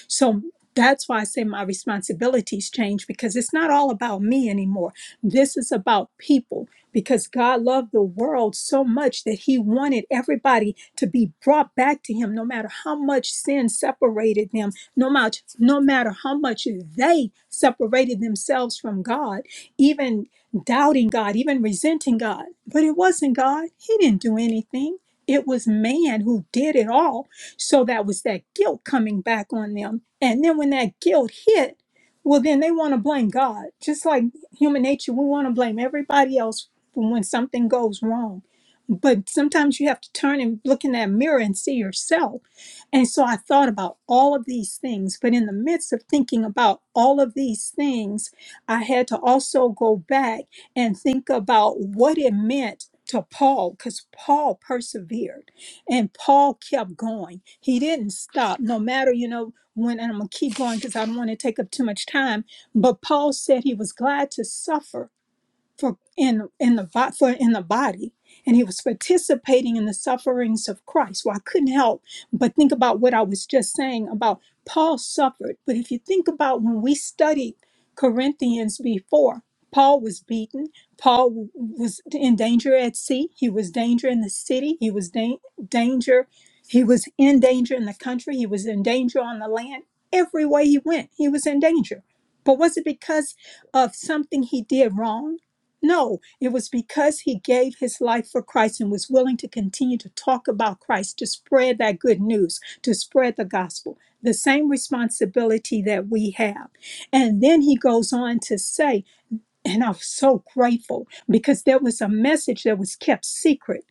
[SPEAKER 6] So that's why I say my responsibilities change because it's not all about me anymore. This is about people because God loved the world so much that He wanted everybody to be brought back to Him, no matter how much sin separated them, no matter no matter how much they separated themselves from God, even doubting God, even resenting God. But it wasn't God. He didn't do anything. It was man who did it all so that was that guilt coming back on them. And then when that guilt hit, well, then they want to blame God. Just like human nature, we want to blame everybody else for when something goes wrong but sometimes you have to turn and look in that mirror and see yourself. And so I thought about all of these things, but in the midst of thinking about all of these things, I had to also go back and think about what it meant to Paul because Paul persevered and Paul kept going. He didn't stop, no matter, you know, when, and I'm going to keep going because I don't want to take up too much time, but Paul said he was glad to suffer for in in the bo- for in the body and he was participating in the sufferings of Christ. Well, I couldn't help but think about what I was just saying about Paul suffered. But if you think about when we studied Corinthians before, Paul was beaten. Paul w- was in danger at sea. He was danger in the city. He was da- danger. He was in danger in the country. He was in danger on the land. Every way he went, he was in danger. But was it because of something he did wrong? No, it was because he gave his life for Christ and was willing to continue to talk about Christ, to spread that good news, to spread the gospel, the same responsibility that we have. And then he goes on to say, and I'm so grateful because there was a message that was kept secret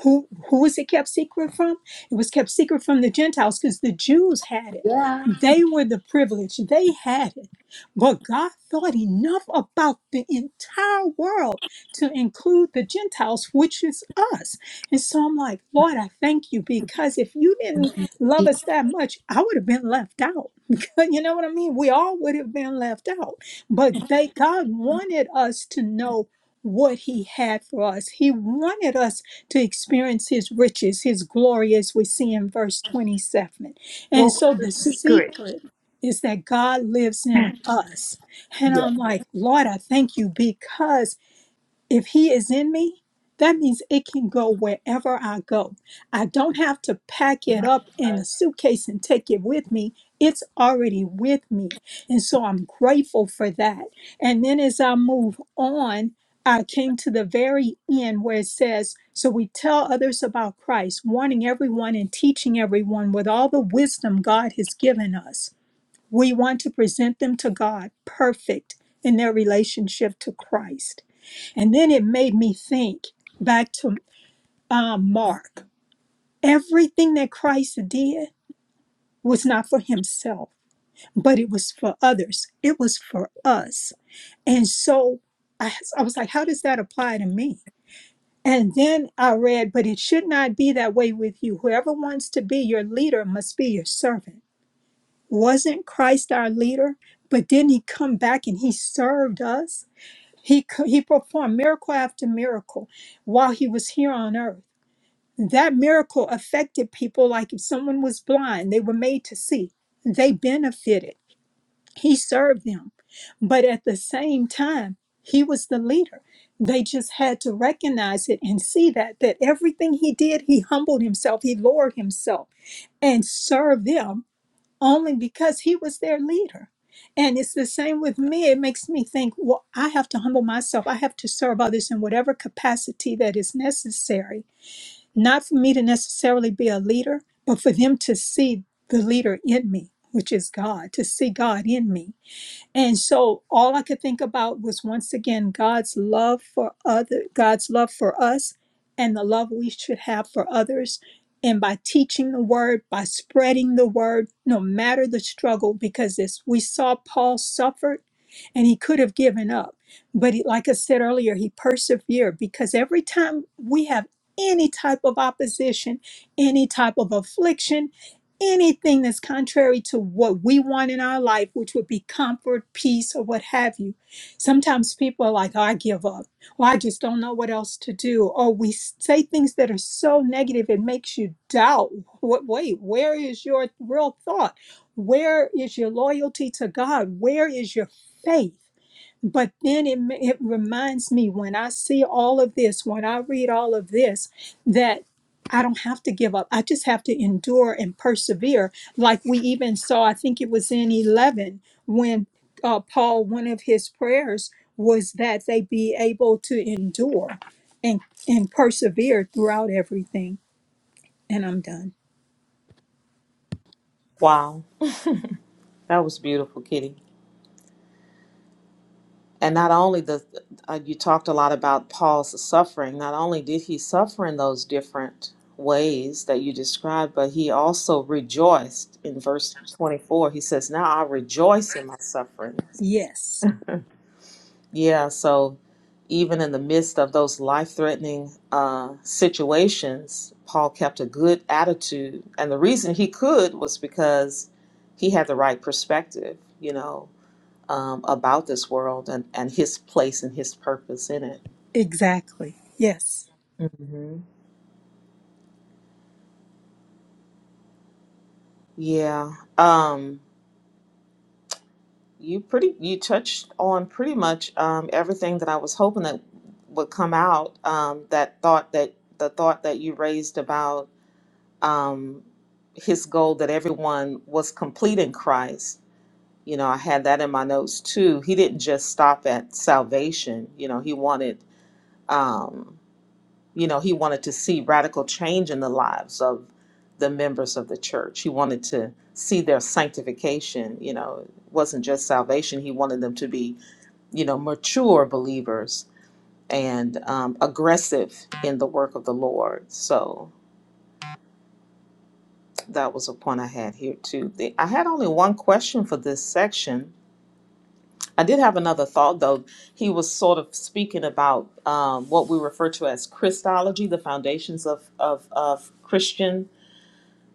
[SPEAKER 6] who who who was it kept secret from? It was kept secret from the Gentiles because the Jews had it.
[SPEAKER 5] Yeah.
[SPEAKER 6] They were the privileged. They had it. But God thought enough about the entire world to include the Gentiles, which is us. And so I'm like, Lord, I thank you because if you didn't love us that much, I would have been left out. you know what I mean? We all would have been left out. But they God wanted us to know what he had for us. He wanted us to experience His riches, His glory, as we see in verse 27. And
[SPEAKER 5] What
[SPEAKER 6] so
[SPEAKER 5] was the
[SPEAKER 6] the
[SPEAKER 5] secret?
[SPEAKER 6] secret is that God lives in us. And
[SPEAKER 5] Yeah.
[SPEAKER 6] I'm like, Lord, I thank you because if he is in me that means it can go wherever i go i don't have to pack it up in a suitcase and take it with me it's already with me and so i'm grateful for that and then as i move on i came to the very end where it says so we tell others about christ warning everyone and teaching everyone with all the wisdom god has given us we want to present them to god perfect in their relationship to christ and then it made me think back to uh, Mark. Everything that Christ did was not for himself, but it was for others, it was for us. And so I, I was like, how does that apply to me? And then I read, but it should not be that way with you. Whoever wants to be your leader must be your servant. Wasn't Christ our leader? But didn't he come back and he served us? He, co- he performed miracle after miracle while he was here on earth. That miracle affected people like if someone was blind, they were made to see. They benefited. He served them. But at the same time, he was the leader. They just had to recognize it and see that that everything he did, he humbled himself, he lowered himself and served them only because he was their leader. And it's the same with me. It makes me think, well, I have to humble myself. I have to serve others in whatever capacity that is necessary not for me to necessarily be a leader, but for them to see the leader in me, which is God, to see God in me and so all I could think about was once again God's love for other God's love for us and the love we should have for others. And by teaching the word, by spreading the word, no matter the struggle, because as we saw Paul suffered and he could have given up. But he, like I said earlier, he persevered because every time we have any type of opposition, any type of affliction, anything that's contrary to what we want in our life, which would be comfort, peace, or what have you. Sometimes people are like, oh, I give up, or I just don't know what else to do. Or we say things that are so negative, it makes you doubt. What, wait, where is your real thought? Where is your loyalty to God? Where is your faith? But then it, ma- it reminds me when I see all of this, when I read all of this, that I don't have to give up. I just have to endure and persevere. Like we even saw, I think it was in 11 when uh, Paul, one of his prayers was that they be able to endure and, and persevere throughout everything. And I'm done.
[SPEAKER 1] Wow, that was beautiful, Kitty. And not only the, uh, you talked a lot about Paul's suffering. Not only did he suffer in those different ways that you described, but he also rejoiced in verse 24. He says, "Now I rejoice in my sufferings."
[SPEAKER 6] Yes,
[SPEAKER 1] Yeah. So even in the midst of those life-threatening uh, situations, Paul kept a good attitude, and the reason he could was because he had the right perspective. You know, um, about this world and, and his place and his purpose in it.
[SPEAKER 6] exactly. Yes.
[SPEAKER 1] hmm Yeah. Um, you pretty you touched on pretty much um, everything that I was hoping that would come out. Um, that thought that the thought that you raised about um, his goal that everyone was complete in Christ. You know, I had that in my notes too. He didn't just stop at salvation. You know, he wanted. um, you know, he wanted to see radical change in the lives of the members of the church. He wanted to see their sanctification. You know, it wasn't just salvation. He wanted them to be, you know, mature believers and um, aggressive in the work of the Lord. So that was a point I had here too. The- I had only one question for this section. I did have another thought though. He was sort of speaking about um, what we refer to as Christology, the foundations of of, of Christian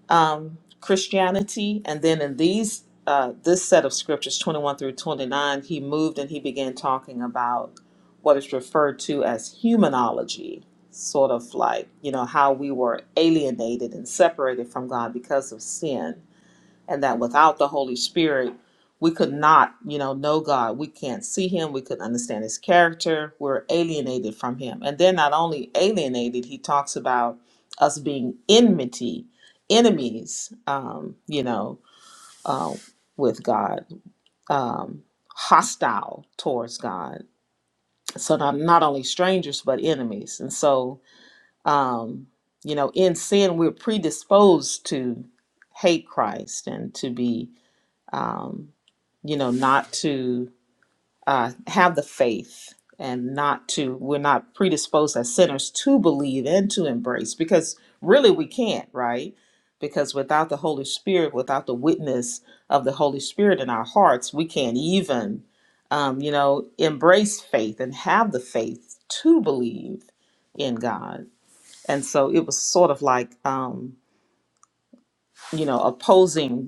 [SPEAKER 1] um, Christianity, and then in these uh, this set of scriptures, twenty one through twenty nine, he moved and he began talking about what is referred to as humanology, sort of like you know how we were alienated and separated from God because of sin and that without the Holy Spirit, we could not, you know, know God. We can't see Him. We could not understand His character. We're alienated from Him. And then not only alienated, He talks about us being enmity, enemies, um, you know, uh, with God, um, hostile towards God. So not, not only strangers, but enemies. And so, um, you know, in sin, we're predisposed to hate Christ and to be um, you know, not to uh, have the faith and not to, we're not predisposed as sinners to believe and to embrace because really we can't, right? Because without the Holy Spirit, without the witness of the Holy Spirit in our hearts, we can't even, um, you know, embrace faith and have the faith to believe in God. And so it was sort of like, um, you know, opposing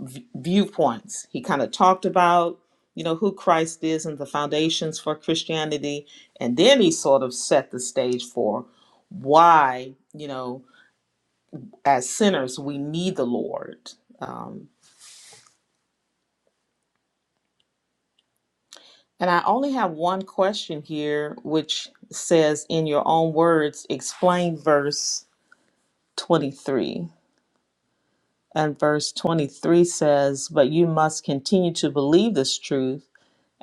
[SPEAKER 1] v- viewpoints. He kind of talked about, you know, who Christ is and the foundations for Christianity. And then he sort of set the stage for why, you know, as sinners, we need the Lord. Um, and I only have one question here, which says, in your own words, explain verse 23. And verse 23 says, But you must continue to believe this truth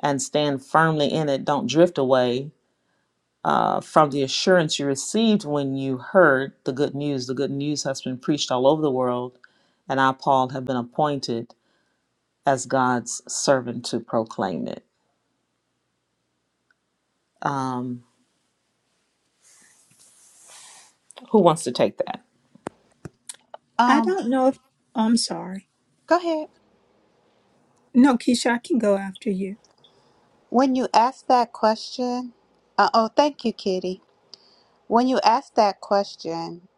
[SPEAKER 1] and stand firmly in it. Don't drift away uh, from the assurance you received when you heard the good news. The good news has been preached all over the world, and I, Paul, have been appointed as God's servant to proclaim it. Um, who wants to take that?
[SPEAKER 6] I
[SPEAKER 4] Um,
[SPEAKER 6] don't know if, I'm sorry.
[SPEAKER 4] go ahead.
[SPEAKER 6] No, Keisha, I can go after you.
[SPEAKER 4] When you ask that question, uh, oh, thank you, Kitty. When you ask that question,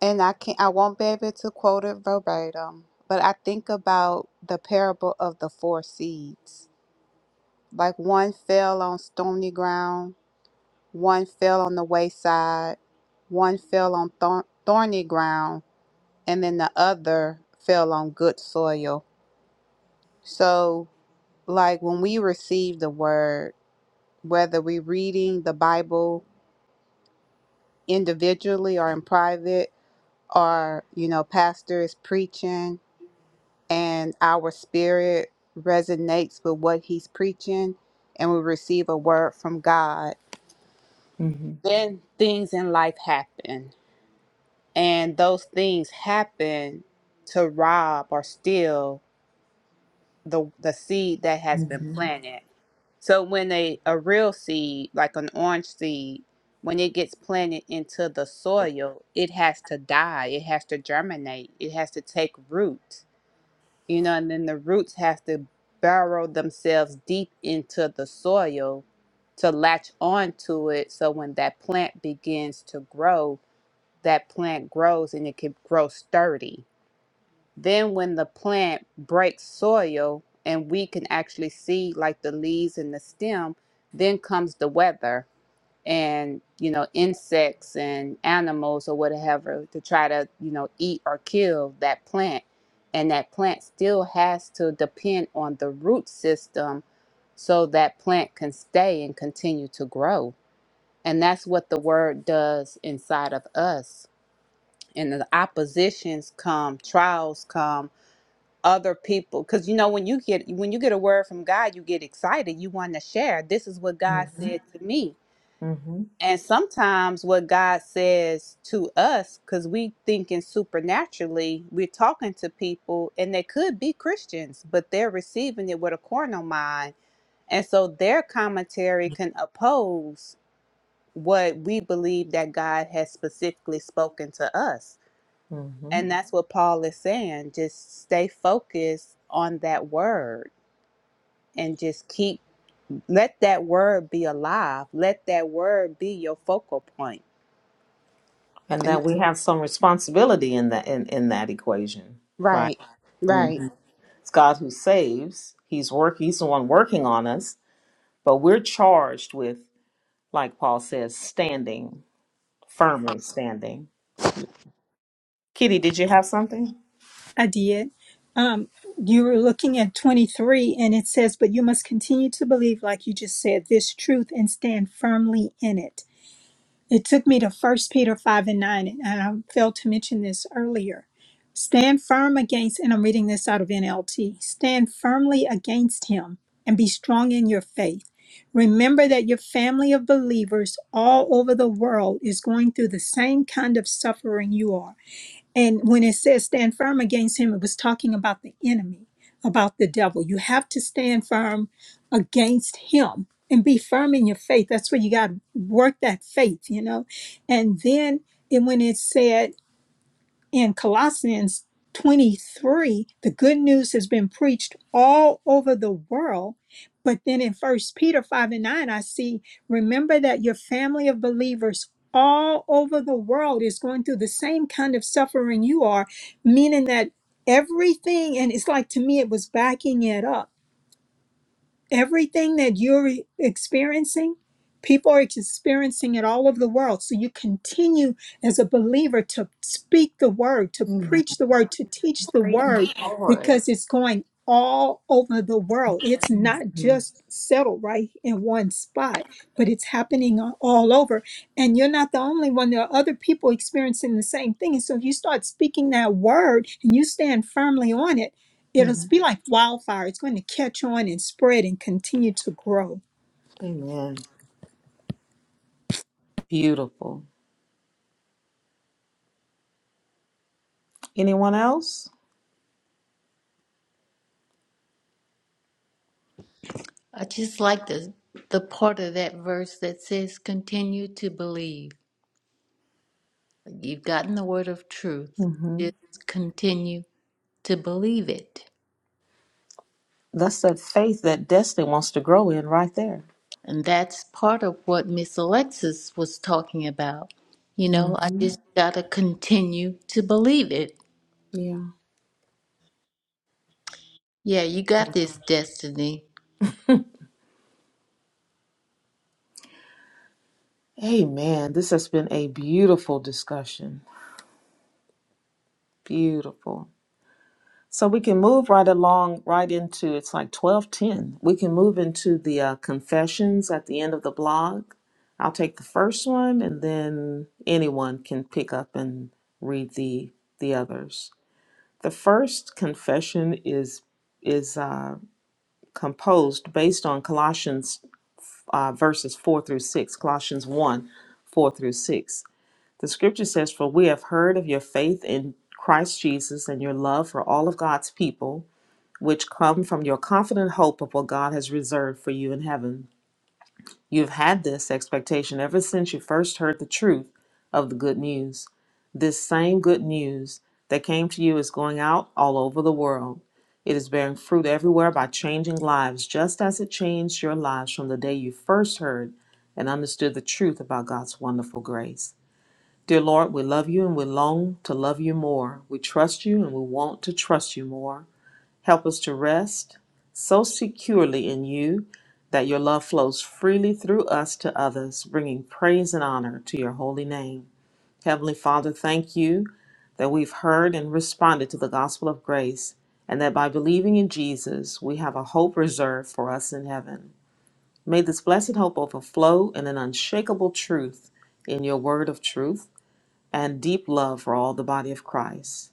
[SPEAKER 4] and I can't, I won't be able to quote it verbatim, but I think about the parable of the four seeds. Like one fell on stony ground, one fell on the wayside, one fell on thorn- thorny ground, and then the other fell on good soil. So, like when we receive the word, whether we're reading the Bible individually or in private or you know pastor is preaching and our spirit resonates with what he's preaching and we receive a word from god
[SPEAKER 1] hmm
[SPEAKER 4] then things in life happen and those things happen to rob or steal the the seed that
[SPEAKER 1] hmm
[SPEAKER 4] has been planted So when a, a real seed, like an orange seed, when it gets planted into the soil, it has to die. It has to germinate. It has to take root. You know, and then the roots have to burrow themselves deep into the soil to latch onto it. So when that plant begins to grow, that plant grows and it can grow sturdy then when the plant breaks soil and we can actually see like the leaves and the stem, then comes the weather and you know insects and animals or whatever to try to you know eat or kill that plant and that plant still has to depend on the root system so that plant can stay and continue to grow and that's what the word does inside of us and the oppositions come trials come other people because you know when you get when you get a word from god you get excited you want to share this is what
[SPEAKER 1] hmm
[SPEAKER 4] god said to me
[SPEAKER 1] hmm
[SPEAKER 4] and sometimes what god says to us because we thinking supernaturally we're talking to people and they could be christians but they're receiving it with a carnal mind and so their commentary can oppose what we believe that god has specifically spoken to us
[SPEAKER 1] hmm
[SPEAKER 4] and that's what paul is saying just stay focused on that word and just keep let that word be alive. Let that word be your focal point.
[SPEAKER 1] And
[SPEAKER 4] And
[SPEAKER 1] that we have some responsibility in that in, in that equation, right?
[SPEAKER 4] right,
[SPEAKER 1] hmm
[SPEAKER 4] right.
[SPEAKER 1] It's God who saves. He's work. He's the one working on us, but we're charged with, like Paul says, standing firmly standing. Kitty, did you have something?
[SPEAKER 6] I did. Um, you were looking at 23, and it says, But you must continue to believe, like you just said, this truth and stand firmly in it. It took me to First Peter 5 and 9, and I failed to mention this earlier. Stand firm against, and I'm reading this out of NLT stand firmly against him and be strong in your faith. Remember that your family of believers all over the world is going through the same kind of suffering you are and when it says stand firm against him, it was talking about the enemy, about the devil. You have to stand firm against him and be firm in your faith. That's where you got to work that faith, you know. And then and when it said in Colossians 23, the good news has been preached all over the world. But then in First Peter 5 and 9, I see, remember that your family of believers all over the world is going through the same kind of suffering you are, meaning that everything, and it's like to me, it was backing it up everything that you're e- experiencing, people are experiencing it all over the world. So you continue as a believer to speak the word, to
[SPEAKER 1] Amen.
[SPEAKER 6] preach the word, to teach the word,
[SPEAKER 5] All right.
[SPEAKER 6] because it's going all over the world. It's not
[SPEAKER 1] Mhm.
[SPEAKER 6] just settled right in one spot, but it's happening all over. And you're not the only one. There are other people experiencing the same thing. And so if you start speaking that word and you stand firmly on it, it'll
[SPEAKER 1] Mhm.
[SPEAKER 6] be like wildfire. It's going to catch on and spread and continue to grow.
[SPEAKER 1] Amen. Beautiful. Anyone else?
[SPEAKER 5] I just like the the part of that verse that says continue to believe. You've gotten the word of truth.
[SPEAKER 1] Mhm.
[SPEAKER 5] Just continue to believe it.
[SPEAKER 1] That's that faith that Destiny wants to grow in right there.
[SPEAKER 5] And that's part of what Miss Alexis was talking about. You know, I
[SPEAKER 1] Mhm.
[SPEAKER 5] just gotta continue to believe it.
[SPEAKER 1] Yeah.
[SPEAKER 5] Yeah, you got this destiny.
[SPEAKER 1] Amen. This has been a beautiful discussion. Beautiful. So we can move right along, right into it's like twelve ten. We can move into the uh, confessions at the end of the blog. I'll take the first one, and then anyone can pick up and read the the others. The first confession is is uh, composed based on Colossians uh, verses four through six. Colossians one, four through six. The scripture says, "For we have heard of your faith in Christ Jesus and your love for all of God's people." which come from your confident hope of what God has reserved for you in heaven. You've had this expectation ever since you first heard the truth of the good news. This same good news that came to you is going out all over the world. It is bearing fruit everywhere by changing lives, just as it changed your lives from the day you first heard and understood the truth about God's wonderful grace. Dear Lord, we love you and we long to love you more. We trust you and we want to trust you more. Help us to rest so securely in you that your love flows freely through us to others, bringing praise and honor to your holy name. Heavenly Father, thank you that we've heard and responded to the gospel of grace, and that by believing in Jesus, we have a hope reserved for us in heaven. May this blessed hope overflow in an unshakable truth in your word of truth and deep love for all the body of Christ.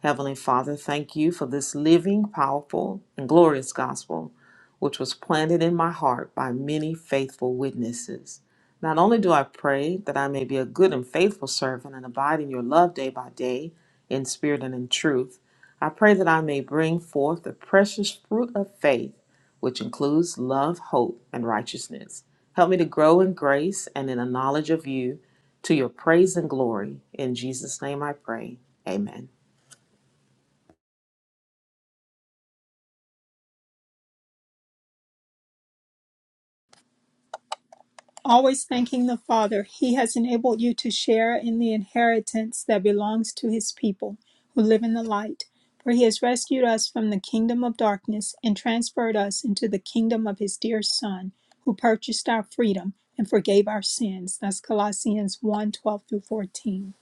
[SPEAKER 1] Heavenly Father, thank you for this living, powerful, and glorious gospel, which was planted in my heart by many faithful witnesses. Not only do I pray that I may be a good and faithful servant and abide in your love day by day, in spirit and in truth, I pray that I may bring forth the precious fruit of faith, which includes love, hope, and righteousness. Help me to grow in grace and in a knowledge of you to your praise and glory. In Jesus' name I pray. Amen.
[SPEAKER 6] always thanking the Father, He has enabled you to share in the inheritance that belongs to His people who live in the light. For He has rescued us from the kingdom of darkness and transferred us into the kingdom of His dear Son, who purchased our freedom and forgave our sins. That's Colossians 1 twelve through 14.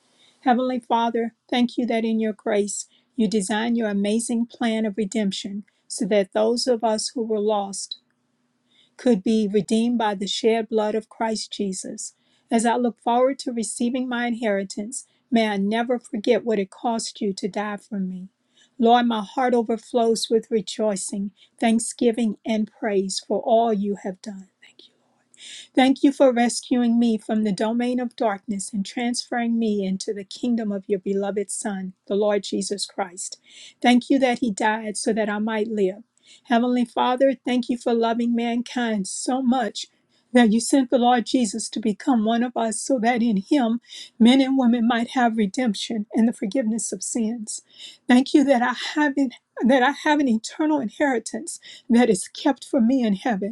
[SPEAKER 6] Heavenly Father, thank you that in your grace you designed your amazing plan of redemption so that those of us who were lost could be redeemed by the shed blood of Christ Jesus. As I look forward to receiving my inheritance, may I never forget what it cost you to die for me. Lord, my heart overflows with rejoicing, thanksgiving, and praise for all you have done. Thank you. Thank you for rescuing me from the domain of darkness and transferring me into the kingdom of your beloved Son, the Lord Jesus Christ. Thank you that he died so that I might live. Heavenly Father, thank you for loving mankind so much that you sent the Lord Jesus to become one of us so that in him men and women might have redemption and the forgiveness of sins. Thank you that I have an, that I have an eternal inheritance that is kept for me in heaven.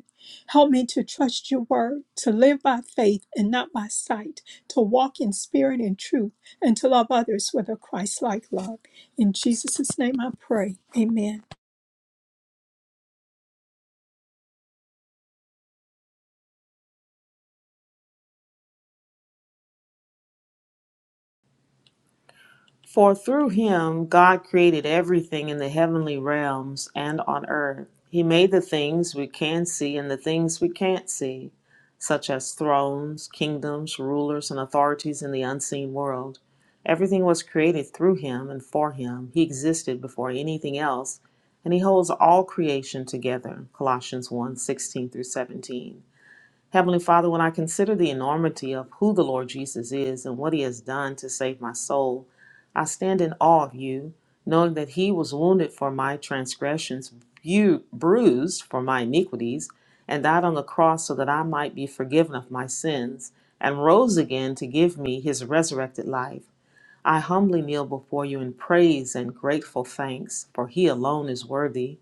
[SPEAKER 6] Help me to trust your word, to live by faith and not by sight, to walk in spirit and truth, and to love others with a Christ like love. In Jesus' name I pray. Amen.
[SPEAKER 1] For through him God created everything in the heavenly realms and on earth. He made the things we can see and the things we can't see, such as thrones, kingdoms, rulers, and authorities in the unseen world. Everything was created through him and for him. He existed before anything else, and he holds all creation together. Colossians one 16 through 17. Heavenly Father, when I consider the enormity of who the Lord Jesus is and what he has done to save my soul, I stand in awe of you, knowing that he was wounded for my transgressions, you bruised for my iniquities, and died on the cross so that I might be forgiven of my sins, and rose again to give me his resurrected life. I humbly kneel before you in praise and grateful thanks, for he alone is worthy.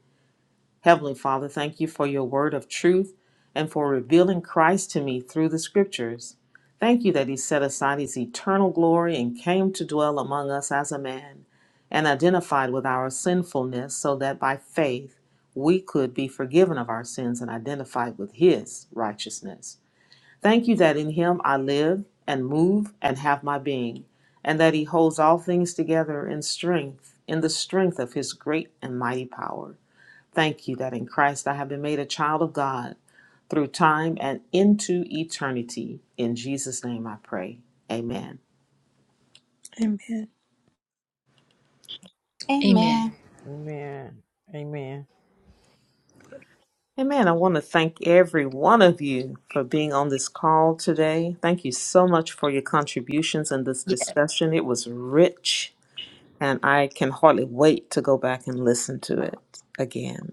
[SPEAKER 1] Heavenly Father, thank you for your word of truth and for revealing Christ to me through the scriptures. Thank you that he set aside his eternal glory and came to dwell among us as a man and identified with our sinfulness so that by faith we could be forgiven of our sins and identified with his righteousness. Thank you that in him I live and move and have my being, and that he holds all things together in strength, in the strength of his great and mighty power. Thank you that in Christ I have been made a child of God through time and into eternity. In Jesus' name I pray. Amen.
[SPEAKER 6] Amen.
[SPEAKER 5] Amen.
[SPEAKER 2] Amen. Amen.
[SPEAKER 1] Amen. I want to thank every one of you for being on this call today. Thank you so much for your contributions in this discussion. It was rich, and I can hardly wait to go back and listen to it again.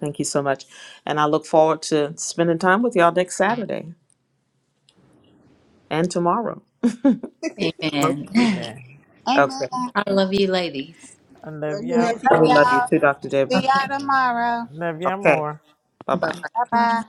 [SPEAKER 1] Thank you so much. And I look forward to spending time with y'all next Saturday and tomorrow.
[SPEAKER 5] Yeah,
[SPEAKER 1] Most
[SPEAKER 5] amen.
[SPEAKER 1] of you.
[SPEAKER 2] Amen.
[SPEAKER 4] Amen.
[SPEAKER 1] Okay.
[SPEAKER 4] Love
[SPEAKER 5] I love you ladies.
[SPEAKER 2] I
[SPEAKER 3] Well,
[SPEAKER 2] love
[SPEAKER 3] anyway.
[SPEAKER 2] you
[SPEAKER 6] Love
[SPEAKER 1] We love you
[SPEAKER 4] y'all.
[SPEAKER 1] too, Dr. Debbie.
[SPEAKER 4] See y'all tomorrow.
[SPEAKER 2] Love you
[SPEAKER 1] Okay.
[SPEAKER 2] more.
[SPEAKER 1] Bye
[SPEAKER 5] Bye.
[SPEAKER 1] bye.
[SPEAKER 4] Bye
[SPEAKER 6] you.
[SPEAKER 4] bye.